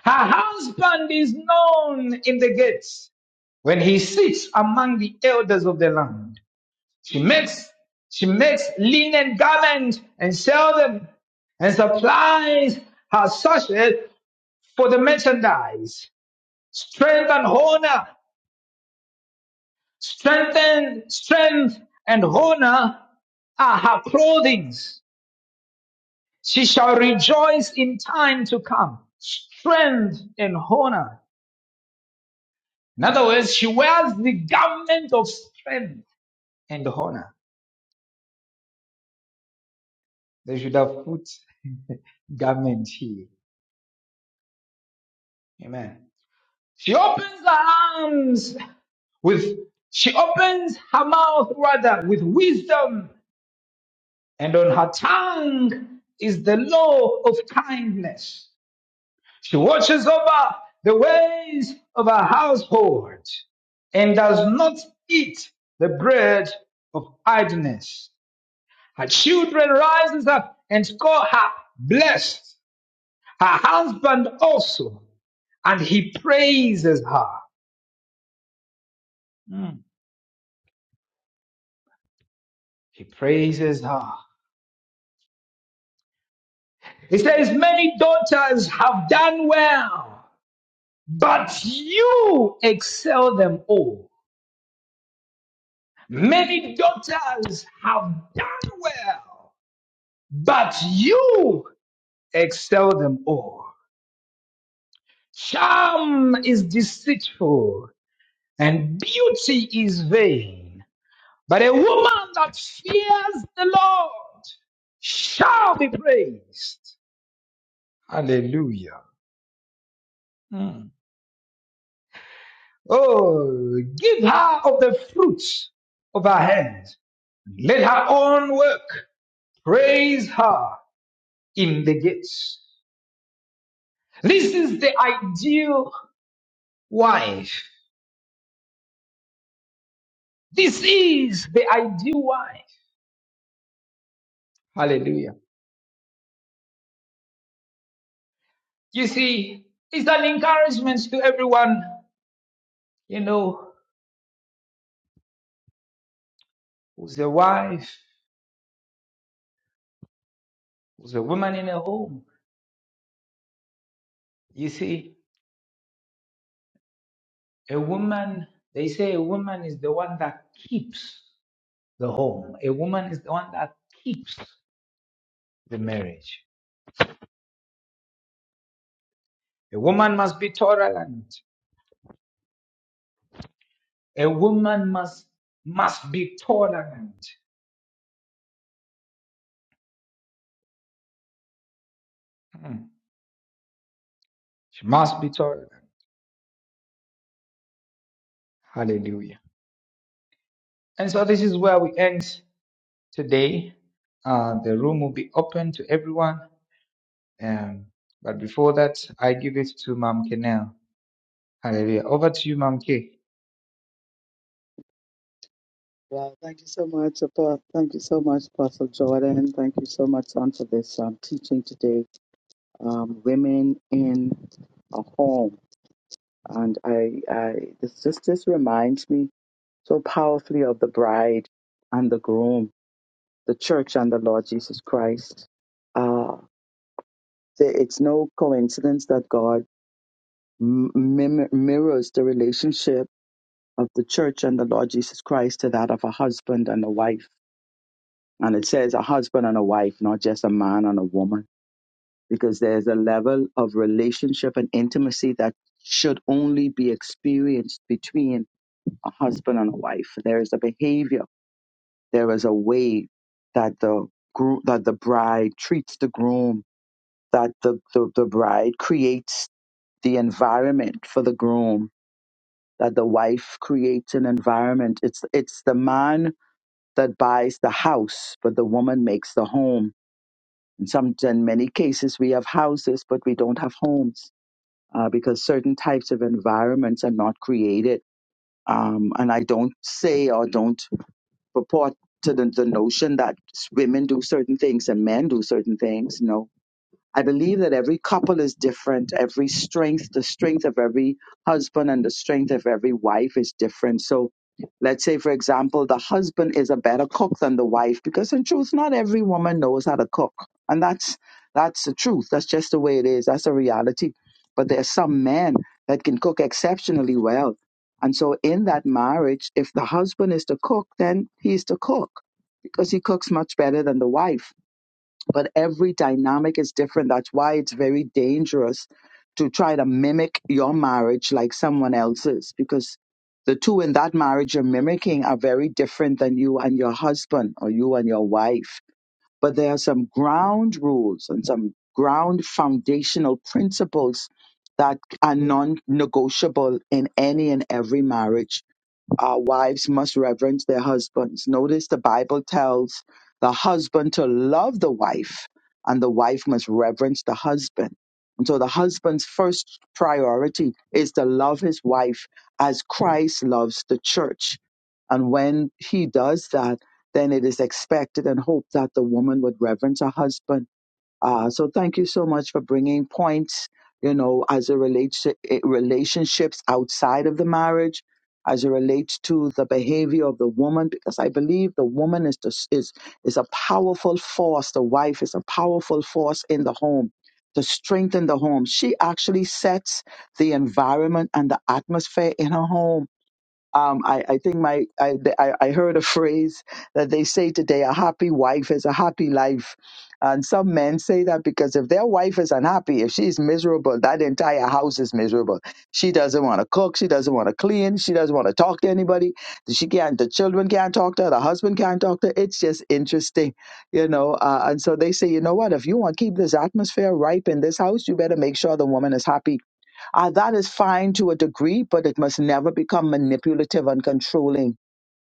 A: Her husband is known in the gates when he sits among the elders of the land. She makes she makes linen garments and sells them and supplies her sachet for the merchandise. Strength and honor, strength and strength and honor are her clothings. She shall rejoice in time to come. Strength and honor In other words, she wears the garment of strength and honor. They should have put garment here. Amen. She opens her arms with, she opens her mouth rather with wisdom and on her tongue is the law of kindness. She watches over the ways of her household and does not eat the bread of idleness. Her children rises up and call her blessed. Her husband also, and he praises her. Mm. He praises her. He says, Many daughters have done well, but you excel them all. Many daughters have done well, but you excel them all. Charm is deceitful and beauty is vain. But a woman that fears the Lord shall be praised. Hallelujah. Mm. Oh, give her of the fruits of her hands. Let her own work praise her in the gates. This is the ideal wife. This is the ideal wife. Hallelujah. You see, it's an encouragement to everyone, you know, who's a wife, who's a woman in a home. You see, a woman, they say a woman is the one that keeps the home. A woman is the one that keeps the marriage. A woman must be tolerant. A woman must must be tolerant. Hmm. She must be tolerant. Hallelujah. And so this is where we end today. Uh, the room will be open to everyone. Um, but before that, I give it to Mom Kenel. Hallelujah. Over to you, Mom K.
B: Wow, thank you so much, Apo- thank you so much, Apostle Jordan. Thank you so much, son, for this um, teaching today. Um, women in a home, and I, I this just this reminds me so powerfully of the bride and the groom, the church and the Lord Jesus Christ. Uh, that it's no coincidence that God m- mim- mirrors the relationship of the church and the Lord Jesus Christ to that of a husband and a wife. And it says a husband and a wife, not just a man and a woman, because there's a level of relationship and intimacy that should only be experienced between a husband and a wife. There is a behavior, there is a way that the gro- that the bride treats the groom, that the, the, the bride creates the environment for the groom that the wife creates an environment it's it's the man that buys the house but the woman makes the home in some in many cases we have houses but we don't have homes uh, because certain types of environments are not created um, and i don't say or don't purport to the, the notion that women do certain things and men do certain things No. I believe that every couple is different. Every strength, the strength of every husband and the strength of every wife is different. So let's say, for example, the husband is a better cook than the wife because in truth, not every woman knows how to cook. And that's, that's the truth. That's just the way it is. That's the reality. But there are some men that can cook exceptionally well. And so in that marriage, if the husband is to cook, then he's to cook because he cooks much better than the wife but every dynamic is different. That's why it's very dangerous to try to mimic your marriage like someone else's because the two in that marriage you're mimicking are very different than you and your husband or you and your wife. But there are some ground rules and some ground foundational principles that are non negotiable in any and every marriage our wives must reverence their husbands. Notice the Bible tells the husband to love the wife, and the wife must reverence the husband. And so the husband's first priority is to love his wife as Christ loves the church. And when he does that, then it is expected and hoped that the woman would reverence her husband uh, so thank you so much for bringing points, you know, as it relates to it, relationships outside of the marriage, as it relates to the behavior of the woman, because I believe the woman is the, is is a powerful force. The wife is a powerful force in the home to strengthen the home. She actually sets the environment and the atmosphere in her home um, I, I think my I, the- I I heard a phrase that they say today: a happy wife is a happy life. And some men say that because if their wife is unhappy, if she's miserable, that entire house is miserable. She doesn't want to cook. She doesn't want to clean. She doesn't want to talk to anybody. She can't. The children can't talk to her. The husband can't talk to her. It's just interesting, you know. Uh, and so they say, you know what? If you want to keep this atmosphere ripe in this house, you better make sure the woman is happy uh, that is fine to a degree, but it must never become manipulative and controlling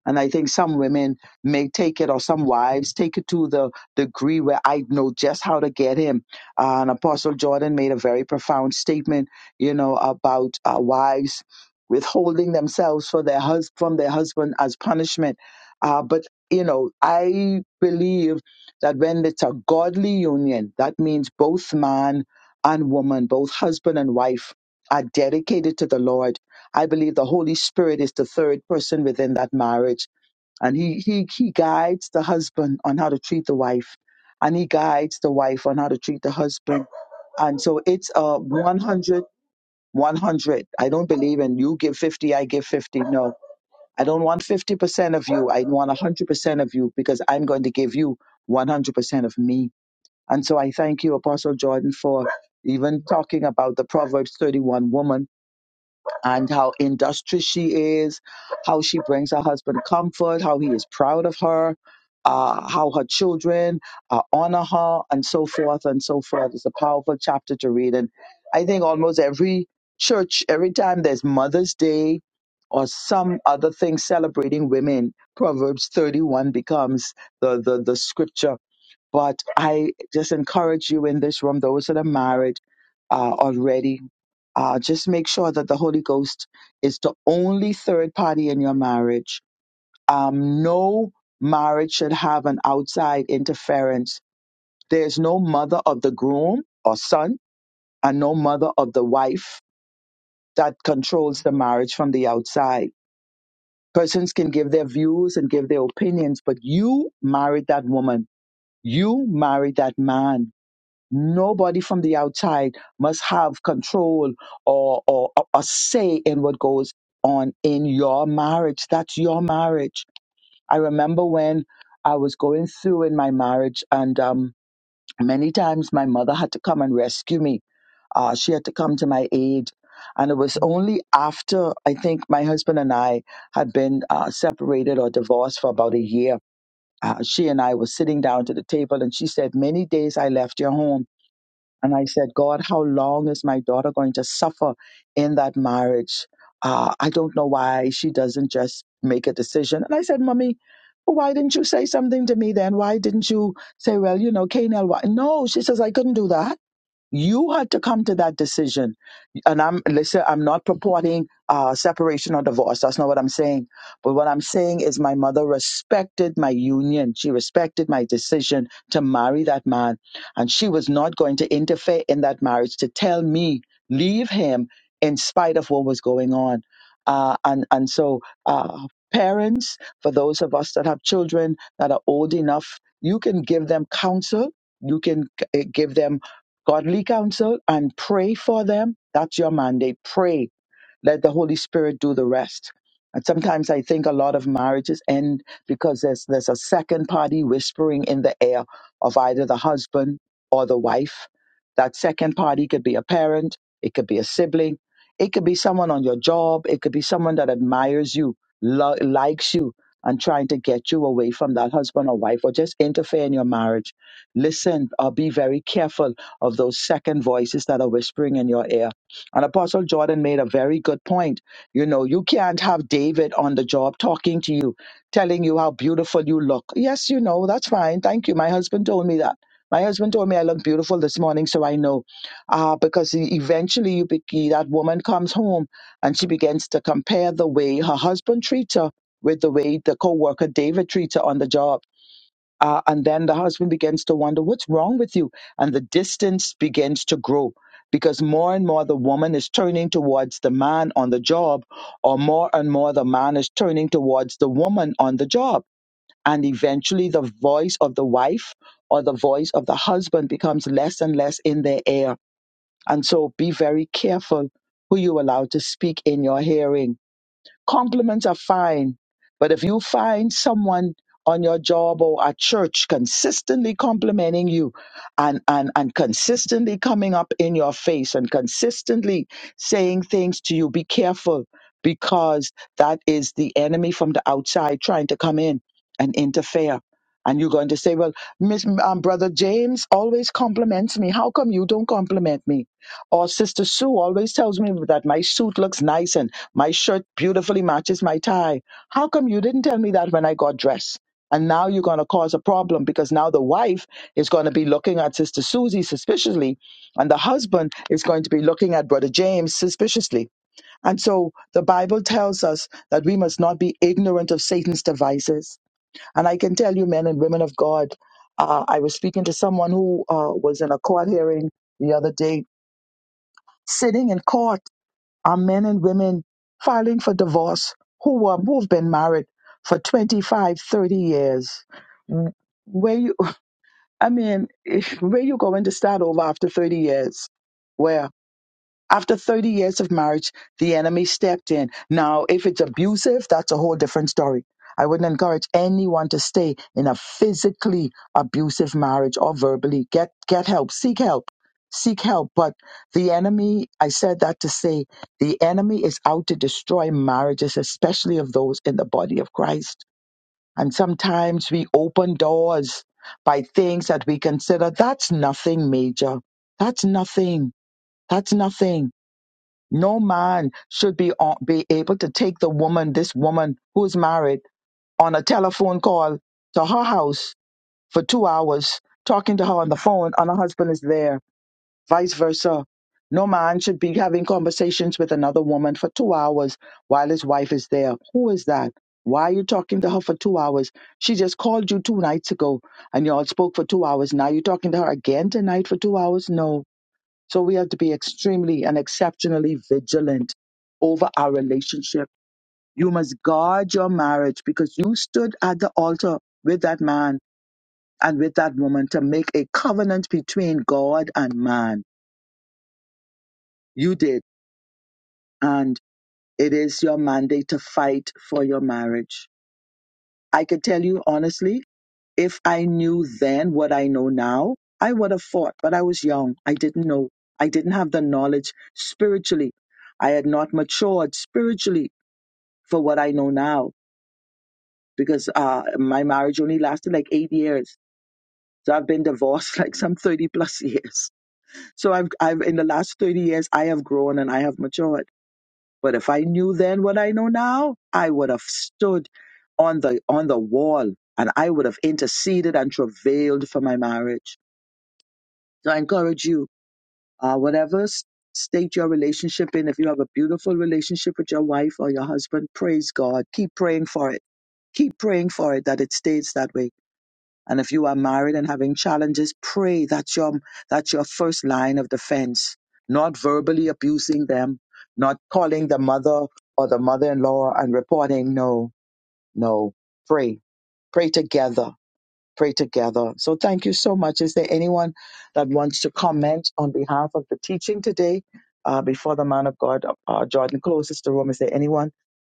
B: and I think some women may take it, or some wives take it to the degree where I know just how to get him. Uh, and Apostle Jordan made a very profound statement, you know, about uh, wives withholding themselves for their hus- from their husband as punishment. Uh, but you know, I believe that when it's a godly union, that means both man and woman, both husband and wife, are dedicated to the Lord. I believe the Holy Spirit is the third person within that marriage and he he he guides the husband on how to treat the wife and he guides the wife on how to treat the husband and so it's a 100 100. i don't believe in you give 50 i give 50 no i don't want 50% of you i want 100% of you because i'm going to give you 100% of me and so i thank you apostle jordan for even talking about the proverbs 31 woman and how industrious she is, how she brings her husband comfort, how he is proud of her, uh, how her children uh, honor her, and so forth and so forth. It's a powerful chapter to read. And I think almost every church, every time there's Mother's Day or some other thing celebrating women, Proverbs 31 becomes the, the, the scripture. But I just encourage you in this room, those that are married uh, already uh, just make sure that the Holy Ghost is the only third party in your marriage. Um, no marriage should have an outside interference. There's no mother of the groom or son, and no mother of the wife that controls the marriage from the outside. Persons can give their views and give their opinions, but you married that woman. You married that man Nobody from the outside must have control or, or a say in what goes on in your marriage. That's your marriage. I remember when I was going through in my marriage, and um, many times my mother had to come and rescue me. Uh, she had to come to my aid. And it was only after I think my husband and I had been uh, separated or divorced for about a year. Uh, she and I were sitting down to the table, and she said, Many days I left your home and I said, God, how long is my daughter going to suffer in that marriage? Uh, I don't know why she doesn't just make a decision. And I said, Mommy, why didn't you say something to me then? Why didn't you say, well, you know, Canel, why? No, she says, I couldn't do that you had to come to that decision and i'm listen i'm not purporting uh, separation or divorce that's not what i'm saying but what i'm saying is my mother respected my union she respected my decision to marry that man and she was not going to interfere in that marriage to tell me leave him in spite of what was going on uh, and and so uh, parents for those of us that have children that are old enough you can give them counsel you can eh, give them godly counsel and pray for them. That's your mandate. Pray let the Holy Spirit do the rest. And sometimes I think a lot of marriages end because there's there's a second party whispering in the air of either the husband or the wife. That second party could be a parent, it could be a sibling, it could be someone on your job, it could be someone that admires you, lo- likes you, and trying to get you away from that husband or wife or just interfere in your marriage. Listen or be very careful of those second voices that are whispering in your ear and Apostle Jordan made a very good point. You know, you can't have David on the job talking to you, telling you how beautiful you look. Yes, you know, that's fine. Thank you. My husband told me that. My husband told me I look beautiful this morning, so I know. Uh, because e- eventually you be- that woman comes home and she begins to compare the way her husband treats her with the way the co worker David treats her on the job uh, and then the husband begins to wonder, what's wrong with you? And the distance begins to grow because more and more the woman is turning towards the man on the job, or more and more the man is turning towards the woman on the job. And eventually the voice of the wife or the voice of the husband becomes less and less in their ear. And so be very careful who you allow to speak in your hearing Compliments are fine, but if you find someone on your job or at church consistently complimenting you and, and, and consistently coming up in your face and consistently saying things to you, be careful because that is the enemy from the outside trying to come in and interfere. And you're going to say, well, Miss um, Brother James always compliments me. How come you don't compliment me? Or Sister Sue always tells me that my suit looks nice and my shirt beautifully matches my tie. How come you didn't tell me that when I got dressed? And now you're going to cause a problem because now the wife is going to be looking at Sister Susie suspiciously, and the husband is going to be looking at Brother James suspiciously. And so the Bible tells us that we must not be ignorant of Satan's devices. And I can tell you, men and women of God, uh, I was speaking to someone who uh, was in a court hearing the other day Sitting in court are men and women filing for divorce who, are, who've been married for 25, 30 years. Where you, I mean, if, where you going to start over after 30 years? Well, after 30 years of marriage, the enemy stepped in. Now, if it's abusive, that's a whole different story. I wouldn't encourage anyone to stay in a physically abusive marriage or verbally. Get get help, seek help. Seek help, but the enemy, I said that to say, the enemy is out to destroy marriages, especially of those in the body of Christ. And sometimes we open doors by things that we consider that's nothing major. That's nothing. That's nothing no man should be on, be able to take the woman, this woman who's married, on a telephone call to her house for two hours, talking to her on the phone, and her husband is there. Vice versa. No man should be having conversations with another woman for two hours while his wife is there. Who is that? Why are you talking to her for two hours? She just called you two nights ago and y'all spoke for two hours. Now you're talking to her again tonight for two hours? No so we have to be extremely and exceptionally vigilant over our relationship. You must guard your marriage because you stood at the altar with that man and with that woman to make a covenant between God and man. You did. And it is your mandate to fight for your marriage. I could tell you honestly, if I knew then what I know now, I would have fought, but I was young. I didn't know. I didn't have the knowledge spiritually. I had not matured spiritually for what I know now because uh, my marriage only lasted like eight years. So I've been divorced like some 30 plus years. So I've, I've, in the last 30 years, I have grown and I have matured. But if I knew then what I know now, I would have stood on the, on the wall and I would have interceded and travailed for my marriage. So I encourage you uh, whatever s- state your relationship in, if you have a beautiful relationship with your wife or your husband, praise God. Keep praying for it. Keep praying for it that it stays that way. And if you are married and having challenges, pray that's your that's your first line of defense. Not verbally abusing them, not calling the mother or the mother-in-law and reporting. No, no. Pray. Pray together pray together. So thank you so much. Is there anyone that wants to comment on behalf of the teaching today uh, before the man of God, uh, Jordan, closes the room? Is there anyone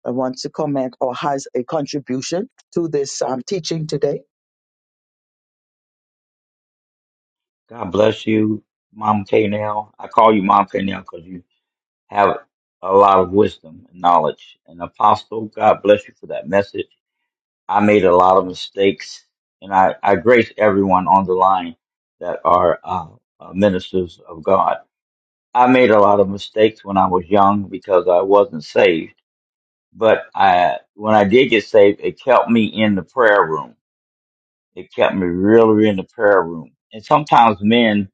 B: that wants to comment or has a contribution to this um, teaching today?
D: God bless you, Mom K. Now I call you Mom K. Now because you have a lot of wisdom and knowledge. And Apostle, God bless you for that message. I made a lot of mistakes, and I, I grace everyone on the line that are uh, uh, ministers of God. I made a lot of mistakes when I was young because I wasn't saved. But I, when I did get saved, it kept me in the prayer room it kept me really in the prayer room. And sometimes men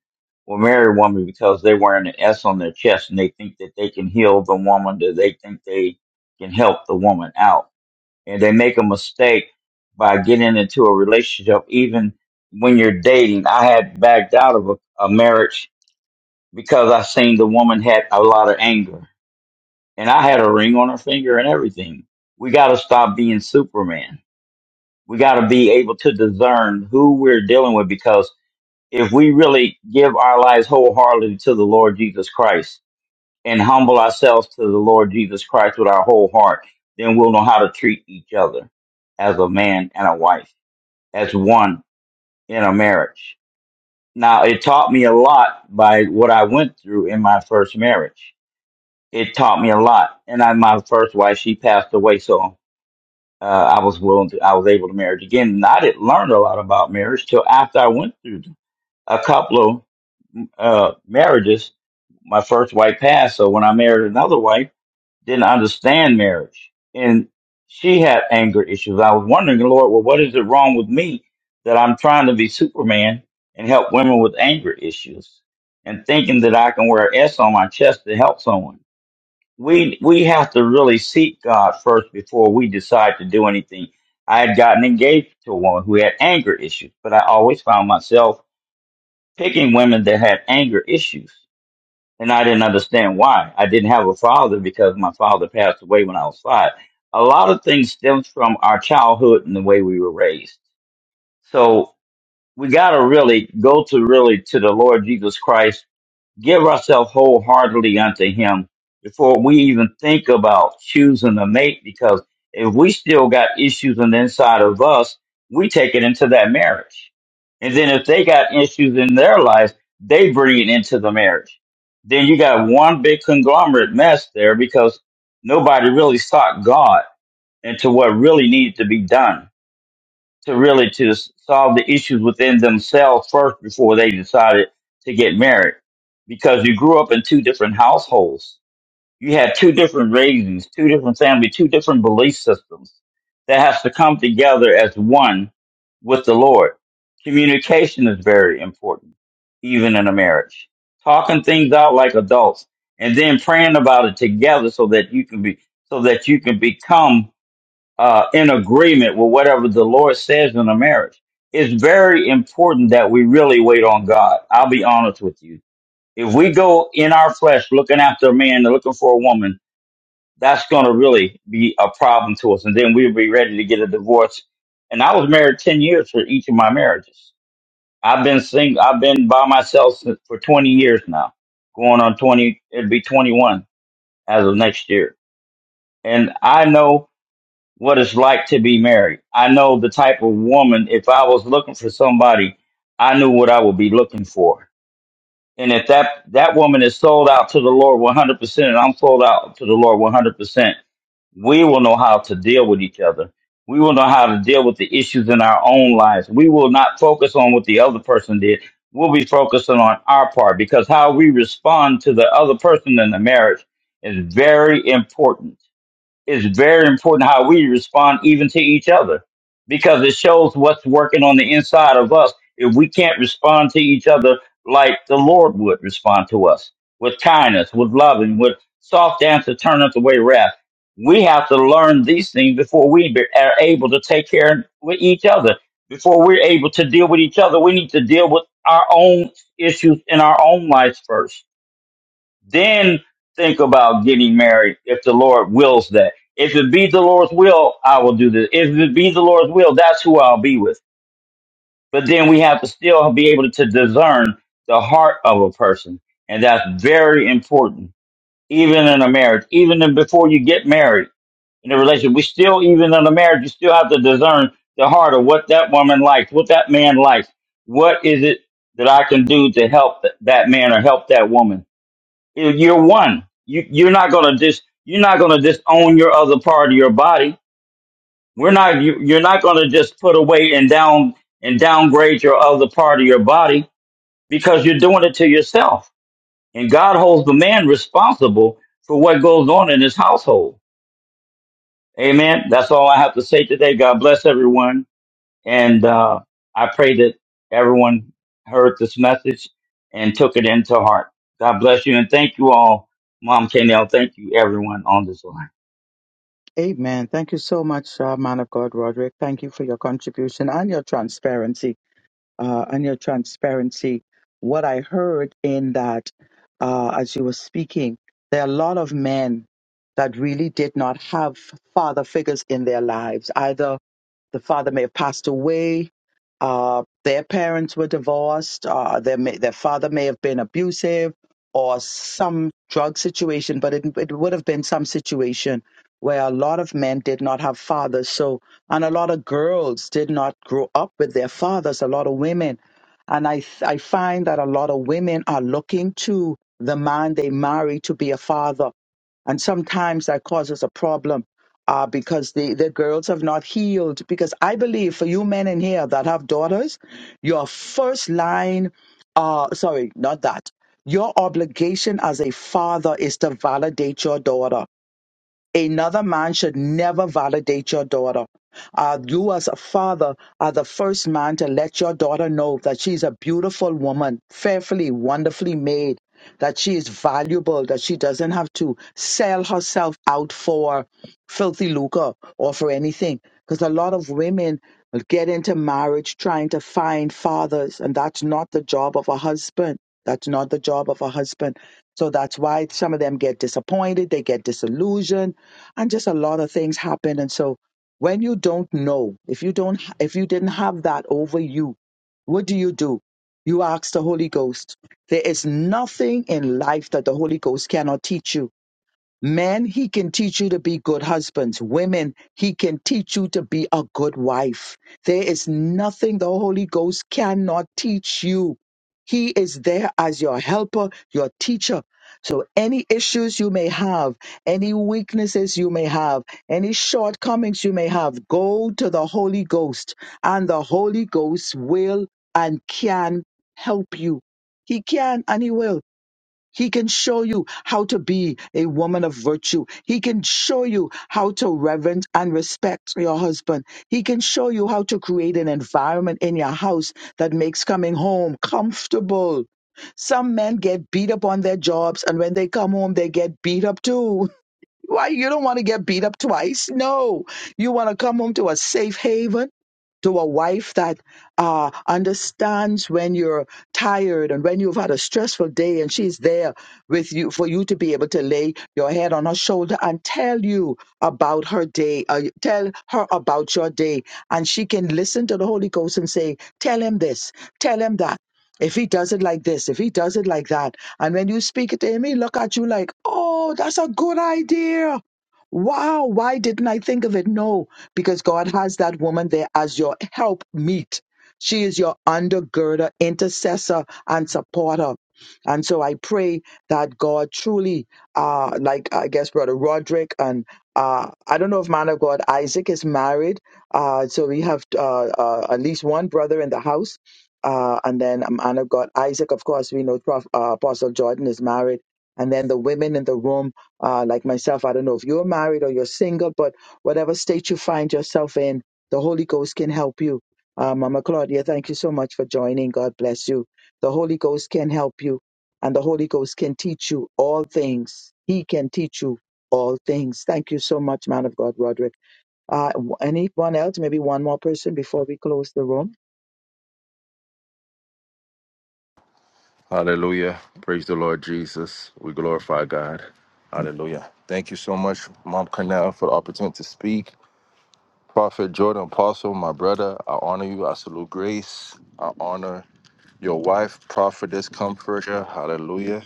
D: will marry a woman because they're wearing an S on their chest and they think that they can heal the woman, that they think they can help the woman out. And they make a mistake by getting into a relationship, even when you're dating. I had backed out of a, a marriage because I seen the woman had a lot of anger. And I had a ring on her finger and everything. We got to stop being Superman. We got to be able to discern who we're dealing with because if we really give our lives wholeheartedly to the Lord Jesus Christ and humble ourselves to the Lord Jesus Christ with our whole heart, then we'll know how to treat each other as a man and a wife, as one in a marriage. Now, it taught me a lot by what I went through in my first marriage. It taught me a lot. And I, my first wife, she passed away, so uh, I was willing to, I was able to marry again. And I didn't learn a lot about marriage till after I went through a couple of uh, marriages my first wife passed, so when I married another wife, didn't understand marriage, and she had anger issues. I was wondering, Lord, well, what is it wrong with me that I'm trying to be Superman and help women with anger issues, and thinking that I can wear an S on my chest to help someone? We we have to really seek God first before we decide to do anything. I had gotten engaged to a woman who had anger issues, but I always found myself picking women that had anger issues and I didn't understand why. I didn't have a father because my father passed away when I was five. A lot of things stems from our childhood and the way we were raised. So we got to really go to really to the Lord Jesus Christ give ourselves wholeheartedly unto him before we even think about choosing a mate because if we still got issues on the inside of us, we take it into that marriage. And then if they got issues in their lives, they bring it into the marriage. Then you got one big conglomerate mess there because nobody really sought God into what really needed to be done to really to solve the issues within themselves first before they decided to get married because you grew up in two different households you had two different raisings two different families two different belief systems that has to come together as one with the lord communication is very important even in a marriage talking things out like adults and then praying about it together so that you can be so that you can become uh, in agreement with whatever the Lord says in a marriage. It's very important that we really wait on God. I'll be honest with you. If we go in our flesh looking after a man and looking for a woman, that's going to really be a problem to us. And then we'll be ready to get a divorce. And I was married 10 years for each of my marriages. I've been single, I've been by myself since, for 20 years now, going on 20, it'd be 21 as of next year. And I know what it's like to be married. I know the type of woman. If I was looking for somebody, I knew what I would be looking for. And if that that woman is sold out to the Lord 100%, and I'm sold out to the Lord 100%, we will know how to deal with each other. We will know how to deal with the issues in our own lives. We will not focus on what the other person did. We'll be focusing on our part because how we respond to the other person in the marriage is very important it's very important how we respond even to each other because it shows what's working on the inside of us if we can't respond to each other like the lord would respond to us with kindness with loving with soft answer turneth away wrath we have to learn these things before we be, are able to take care with each other before we're able to deal with each other we need to deal with our own issues in our own lives first then think about getting married if the Lord wills that. If it be the Lord's will, I will do this. If it be the Lord's will, that's who I'll be with. But then we have to still be able to discern the heart of a person. And that's very important, even in a marriage, even in- before you get married in a relationship. We still, even in a marriage, you still have to discern the heart of what that woman likes, what that man likes. What is it that I can do to help th- that man or help that woman? you're one. You you're not gonna dis you're not gonna disown your other part of your body. We're not you, you're not gonna just put away and down and downgrade your other part of your body because you're doing it to yourself. And God holds the man responsible for what goes on in his household. Amen. That's all I have to say today. God bless everyone. And uh, I pray that everyone heard this message and took it into heart. God bless you and thank you all, Mom Kenel. Thank you, everyone on this line.
B: Amen. Thank you so much, uh, man of God, Roderick. Thank you for your contribution and your transparency. Uh, and your transparency. What I heard in that, uh, as you were speaking, there are a lot of men that really did not have father figures in their lives, either the father may have passed away. Uh, their parents were divorced. Uh, their may, their father may have been abusive, or some drug situation. But it it would have been some situation where a lot of men did not have fathers. So and a lot of girls did not grow up with their fathers. A lot of women, and I th- I find that a lot of women are looking to the man they marry to be a father and sometimes that causes a problem uh, because the, the girls have not healed. Because I believe for you men in here that have daughters, your first line, uh, sorry, not that. Your obligation as a father is to validate your daughter Another man should never validate your daughter. Uh, you, as a father, are the first man to let your daughter know that she's a beautiful woman, fearfully, wonderfully made, that she is valuable, that she doesn't have to sell herself out for filthy lucre or for anything. Because a lot of women get into marriage trying to find fathers, and that's not the job of a husband. That's not the job of a husband. So that's why some of them get disappointed, they get disillusioned, and just a lot of things happen. And so when you don't know, if you don't if you didn't have that over you, what do you do? You ask the Holy Ghost. There is nothing in life that the Holy Ghost cannot teach you Men, he can teach you to be good husbands. Women, he can teach you to be a good wife. There is nothing the Holy Ghost cannot teach you. He is there as your helper, your teacher. So any issues you may have, any weaknesses you may have, any shortcomings you may have, go to the Holy Ghost and the Holy Ghost will and can help you. He can and he will. He can show you how to be a woman of virtue. He can show you how to reverence and respect your husband. He can show you how to create an environment in your house that makes coming home comfortable. Some men get beat up on their jobs, and when they come home, they get beat up too. Why? You don't want to get beat up twice. No. You want to come home to a safe haven to a wife that uh, understands when you're tired and when you've had a stressful day, and she's there with you for you to be able to lay your head on her shoulder and tell you about her day, uh, tell her about your day, and she can listen to the Holy Ghost and say, "Tell him this, tell him that." If he does it like this, if he does it like that, and when you speak it to him, he look at you like, "Oh, that's a good idea." Wow, why didn't I think of it? No, because God has that woman there as your help meet. She is your undergirder, intercessor, and supporter. And so I pray that God truly, uh, like I guess Brother Roderick, and uh, I don't know if man of God Isaac is married. Uh, so we have uh, uh, at least one brother in the house. Uh, and then man of God Isaac, of course, we know Prof, uh, Apostle Jordan is married. And then the women in the room uh, like myself. I don't know if you're married or you're single, but whatever state you find yourself in, the Holy Ghost can help you. Uh, Mama Claudia, thank you so much for joining. God bless you. The Holy Ghost can help you, and the Holy Ghost can teach you all things. He can teach you all things. Thank you so much, man of God, Roderick. Uh, w- anyone else? Maybe one more person before we close the room?
E: Hallelujah. Praise the Lord Jesus. We glorify God. Hallelujah. Thank you so much, Mom Cornell, for the opportunity to speak. Prophet Jordan Apostle, my brother, I honor you. I salute grace. I honor your wife, prophetess, comforter. Hallelujah.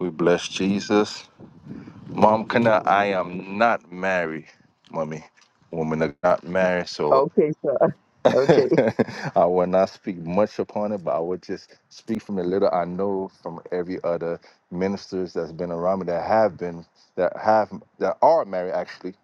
E: We bless Jesus. Mom Cornell, I am not married, mommy. Women are not married, so
B: Okay, sir. Okay.
E: I will not speak much upon it, but I will just speak from a little I know from every other ministers that's been around me that have been that have that are married actually,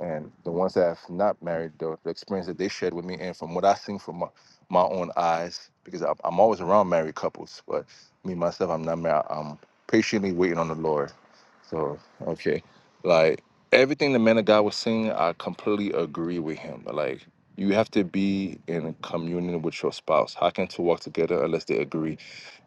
E: and the ones that have not married the, the experience that they shared with me and from what I seen from my, my own eyes because I'm, I'm always around married couples, but me myself I'm not married. I'm patiently waiting on the Lord. So okay, like everything the man of God was saying, I completely agree with him. Like you have to be in communion with your spouse. How can two walk together unless they agree?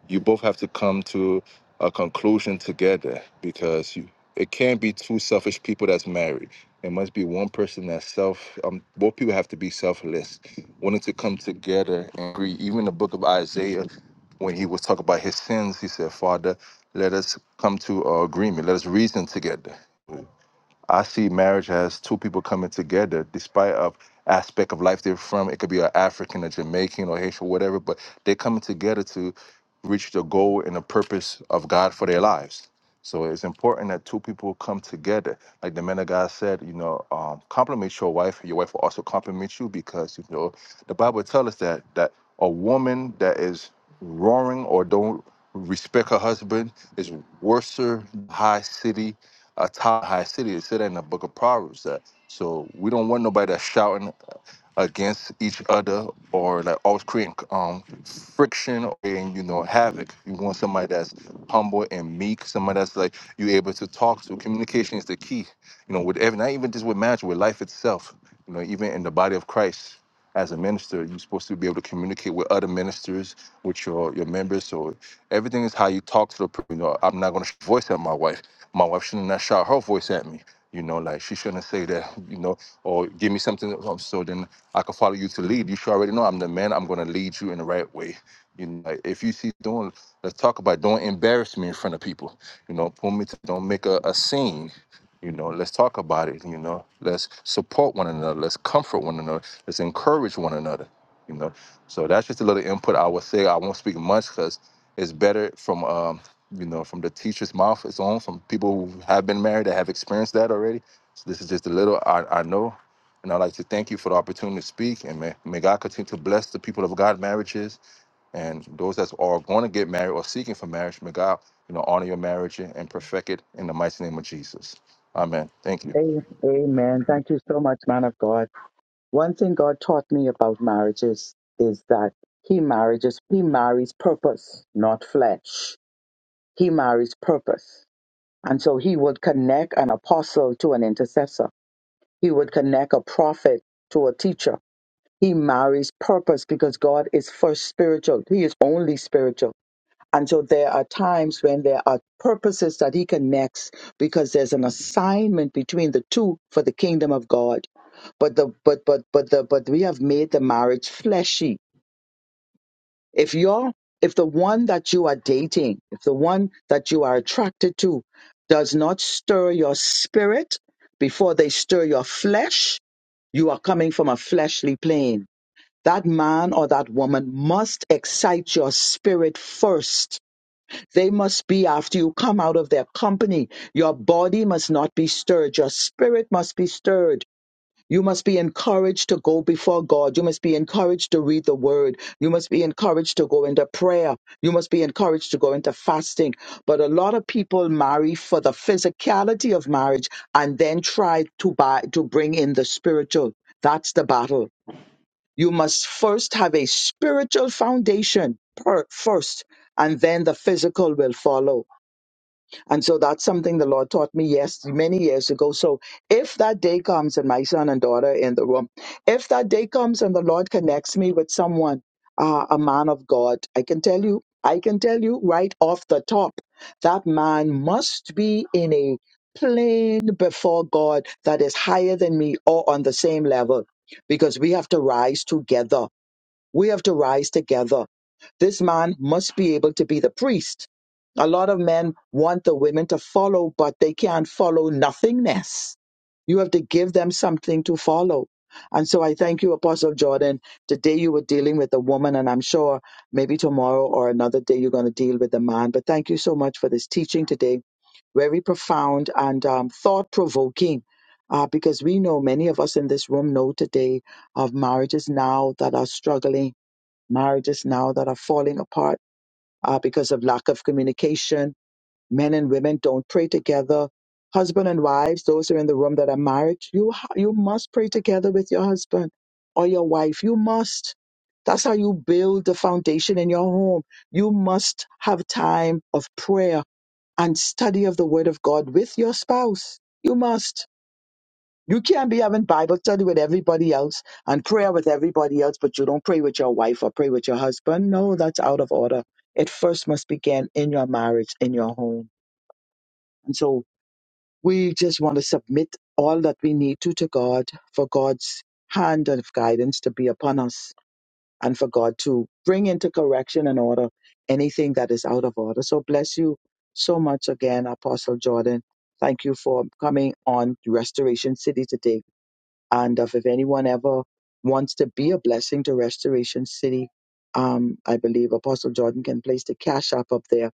E: You both have to come to a conclusion together because you, it can't be two selfish people that's married. It must be one person that's self. Um, both people have to be selfless, wanting to come together and agree. Even the book of Isaiah, when he was talking about his sins, he said, "Father, let us come to uh, agreement. Let us reason together." I see marriage as two people coming together, despite of aspect of life they're from. It could be an African, a Jamaican, or Haitian, whatever, but they're coming together to reach the goal and the purpose of God for their lives. So it's important that two people come together. Like the man of God said, you know, um, compliment your wife, and your wife will also compliment you because you know the Bible tells us that that a woman that is roaring or don't respect her husband is worse than a high city a top high city. It said that in the book of Proverbs. That so we don't want nobody that's shouting against each other or like always creating um friction and you know havoc. You want somebody that's humble and meek, somebody that's like you able to talk to. Communication is the key, you know, with every not even just with marriage, with life itself. You know, even in the body of Christ, as a minister, you're supposed to be able to communicate with other ministers, with your your members. So everything is how you talk to the person. You know, I'm not gonna sh- voice at my wife. My wife shouldn't not shout her voice at me. You know, like she shouldn't say that. You know, or give me something. Um, so then I can follow you to lead. You should already know I'm the man. I'm going to lead you in the right way. You know, like, if you see doing, let's talk about it. don't embarrass me in front of people. You know, pull me to, don't make a, a scene. You know, let's talk about it. You know, let's support one another. Let's comfort one another. Let's encourage one another. You know, so that's just a little input I would say. I won't speak much because it's better from um, you know from the teacher's mouth. It's on from people who have been married that have experienced that already. So this is just a little I, I know. And I'd like to thank you for the opportunity to speak. And may, may God continue to bless the people of God marriages and those that are going to get married or seeking for marriage. May God, you know, honor your marriage and perfect it in the mighty name of Jesus. Amen. Thank you.
B: Amen. Thank you so much, man of God. One thing God taught me about marriages is that He marriages He marries purpose, not flesh. He marries purpose, and so He would connect an apostle to an intercessor. He would connect a prophet to a teacher. He marries purpose because God is first spiritual. He is only spiritual. And so there are times when there are purposes that he connects because there's an assignment between the two for the kingdom of God. But the but but but the but we have made the marriage fleshy. If you're if the one that you are dating, if the one that you are attracted to does not stir your spirit before they stir your flesh, you are coming from a fleshly plane. That man or that woman must excite your spirit first they must be after you come out of their company. Your body must not be stirred. Your spirit must be stirred. You must be encouraged to go before God. You must be encouraged to read the word. You must be encouraged to go into prayer. You must be encouraged to go into fasting. But a lot of people marry for the physicality of marriage and then try to buy, to bring in the spiritual. That's the battle. You must first have a spiritual foundation per, first, and then the physical will follow. And so that's something the Lord taught me yes many years ago. So if that day comes and my son and daughter are in the room, if that day comes and the Lord connects me with someone, uh, a man of God, I can tell you, I can tell you right off the top, that man must be in a plane before God that is higher than me or on the same level because we have to rise together we have to rise together. This man must be able to be the priest. A lot of men want the women to follow, but they can't follow nothingness. You have to give them something to follow. And so I thank you, Apostle Jordan. Today you were dealing with a woman, and I'm sure maybe tomorrow or another day you're going to deal with a man. But thank you so much for this teaching today. Very profound and um, thought provoking. Uh, because we know many of us in this room know today of marriages now that are struggling marriages now that are falling apart uh, because of lack of communication. Men and women don't pray together. Husband and wives, those who are in the room that are married, you ha- you must pray together with your husband or your wife. You must. That's how you build the foundation in your home. You must have time of prayer and study of the Word of God with your spouse. You must. You can't be having Bible study with everybody else and prayer with everybody else, but you don't pray with your wife or pray with your husband. No, that's out of order. It first must begin in your marriage, in your home. And so we just want to submit all that we need to to God for God's hand of guidance to be upon us and for God to bring into correction and order anything that is out of order. So bless you so much again, Apostle Jordan. Thank you for coming on Restoration City today and if, if anyone ever wants to be a blessing to Restoration City, um, I believe Apostle Jordan can place the cash app up there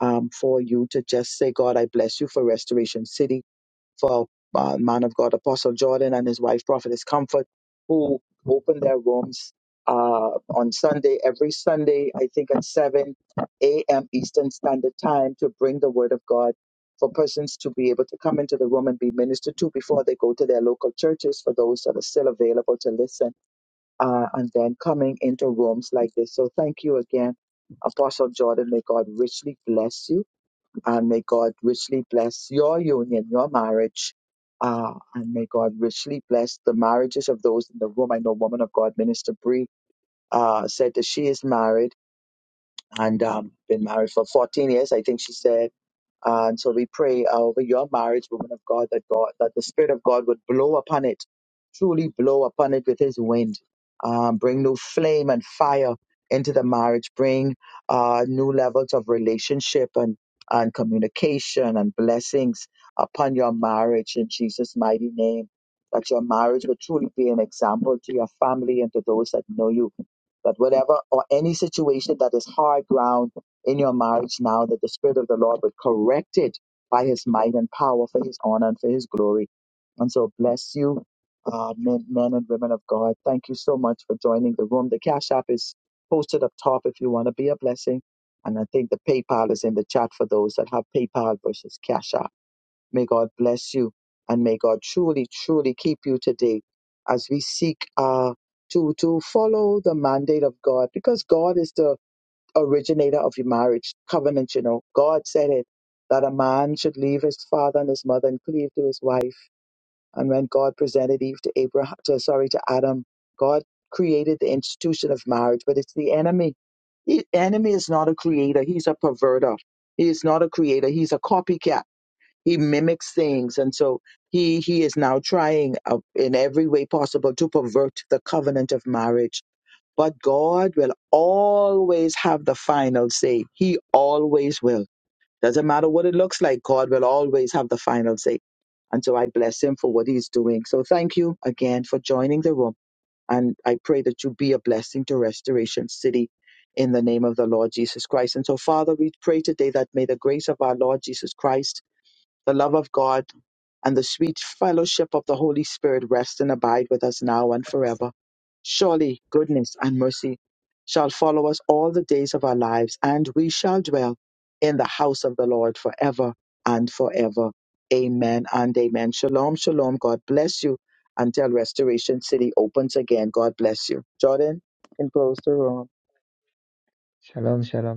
B: um, for you to just say, God, I bless you for Restoration City for uh, man of God, Apostle Jordan, and his wife, Prophetess Comfort, who open their rooms uh, on Sunday, every Sunday, I think at 7 a.m. Eastern Standard Time, to bring the Word of God for persons to be able to come into the room and be ministered to before they go to their local churches for those that are still available to listen, uh, and then coming into rooms like this. So thank you again, Apostle Jordan. May God richly bless you and may God richly bless your union, your marriage. Uh, and may God richly bless the marriages of those in the room. I know woman of God, Minister Bree, uh, said that she is married and um, been married for 14 years, I think she said. Uh, and so we pray over your marriage, woman of God, that God, that the Spirit of God would blow upon it, truly blow upon it with His wind, um, bring new flame and fire into the marriage, bring uh, new levels of relationship and and communication and blessings upon your marriage in Jesus' mighty name. That your marriage would truly be an example to your family and to those that know you. That whatever or any situation that is hard ground in your marriage now that the Spirit of the Lord would correct it by His might and power for His honor and for His glory. And so bless you, uh, men, men and women of God. Thank you so much for joining the room. The Cash App is posted up top if you want to be a blessing. And I think the PayPal is in the chat for those that have PayPal versus Cash App. May God bless you and may God truly, truly keep you today as we seek uh, to, to follow the mandate of God because God is the originator of your marriage covenant, you know. God said it that a man should leave his father and his mother and cleave to his wife. And when God presented Eve to Abraham to sorry to Adam, God created the institution of marriage, but it's the enemy. The enemy is not a creator, he's a perverter. He is not a creator, he's a copycat. He mimics things and so he he is now trying uh, in every way possible to pervert the covenant of marriage but God will always have the final say. He always will. Doesn't matter what it looks like, God will always have the final say. And so I bless him for what he's doing. So thank you again for joining the room. And I pray that you be a blessing to Restoration City in the name of the Lord Jesus Christ. And so, Father, we pray today that may the grace of our Lord Jesus Christ, the love of God, and the sweet fellowship of the Holy Spirit rest and abide with us now and forever. Surely goodness and mercy shall follow us all the days of our lives, and we shall dwell in the house of the Lord forever and forever. Amen and amen. Shalom, shalom. God bless you until Restoration City opens again. God bless you. Jordan, you can close the room.
A: Shalom, shalom,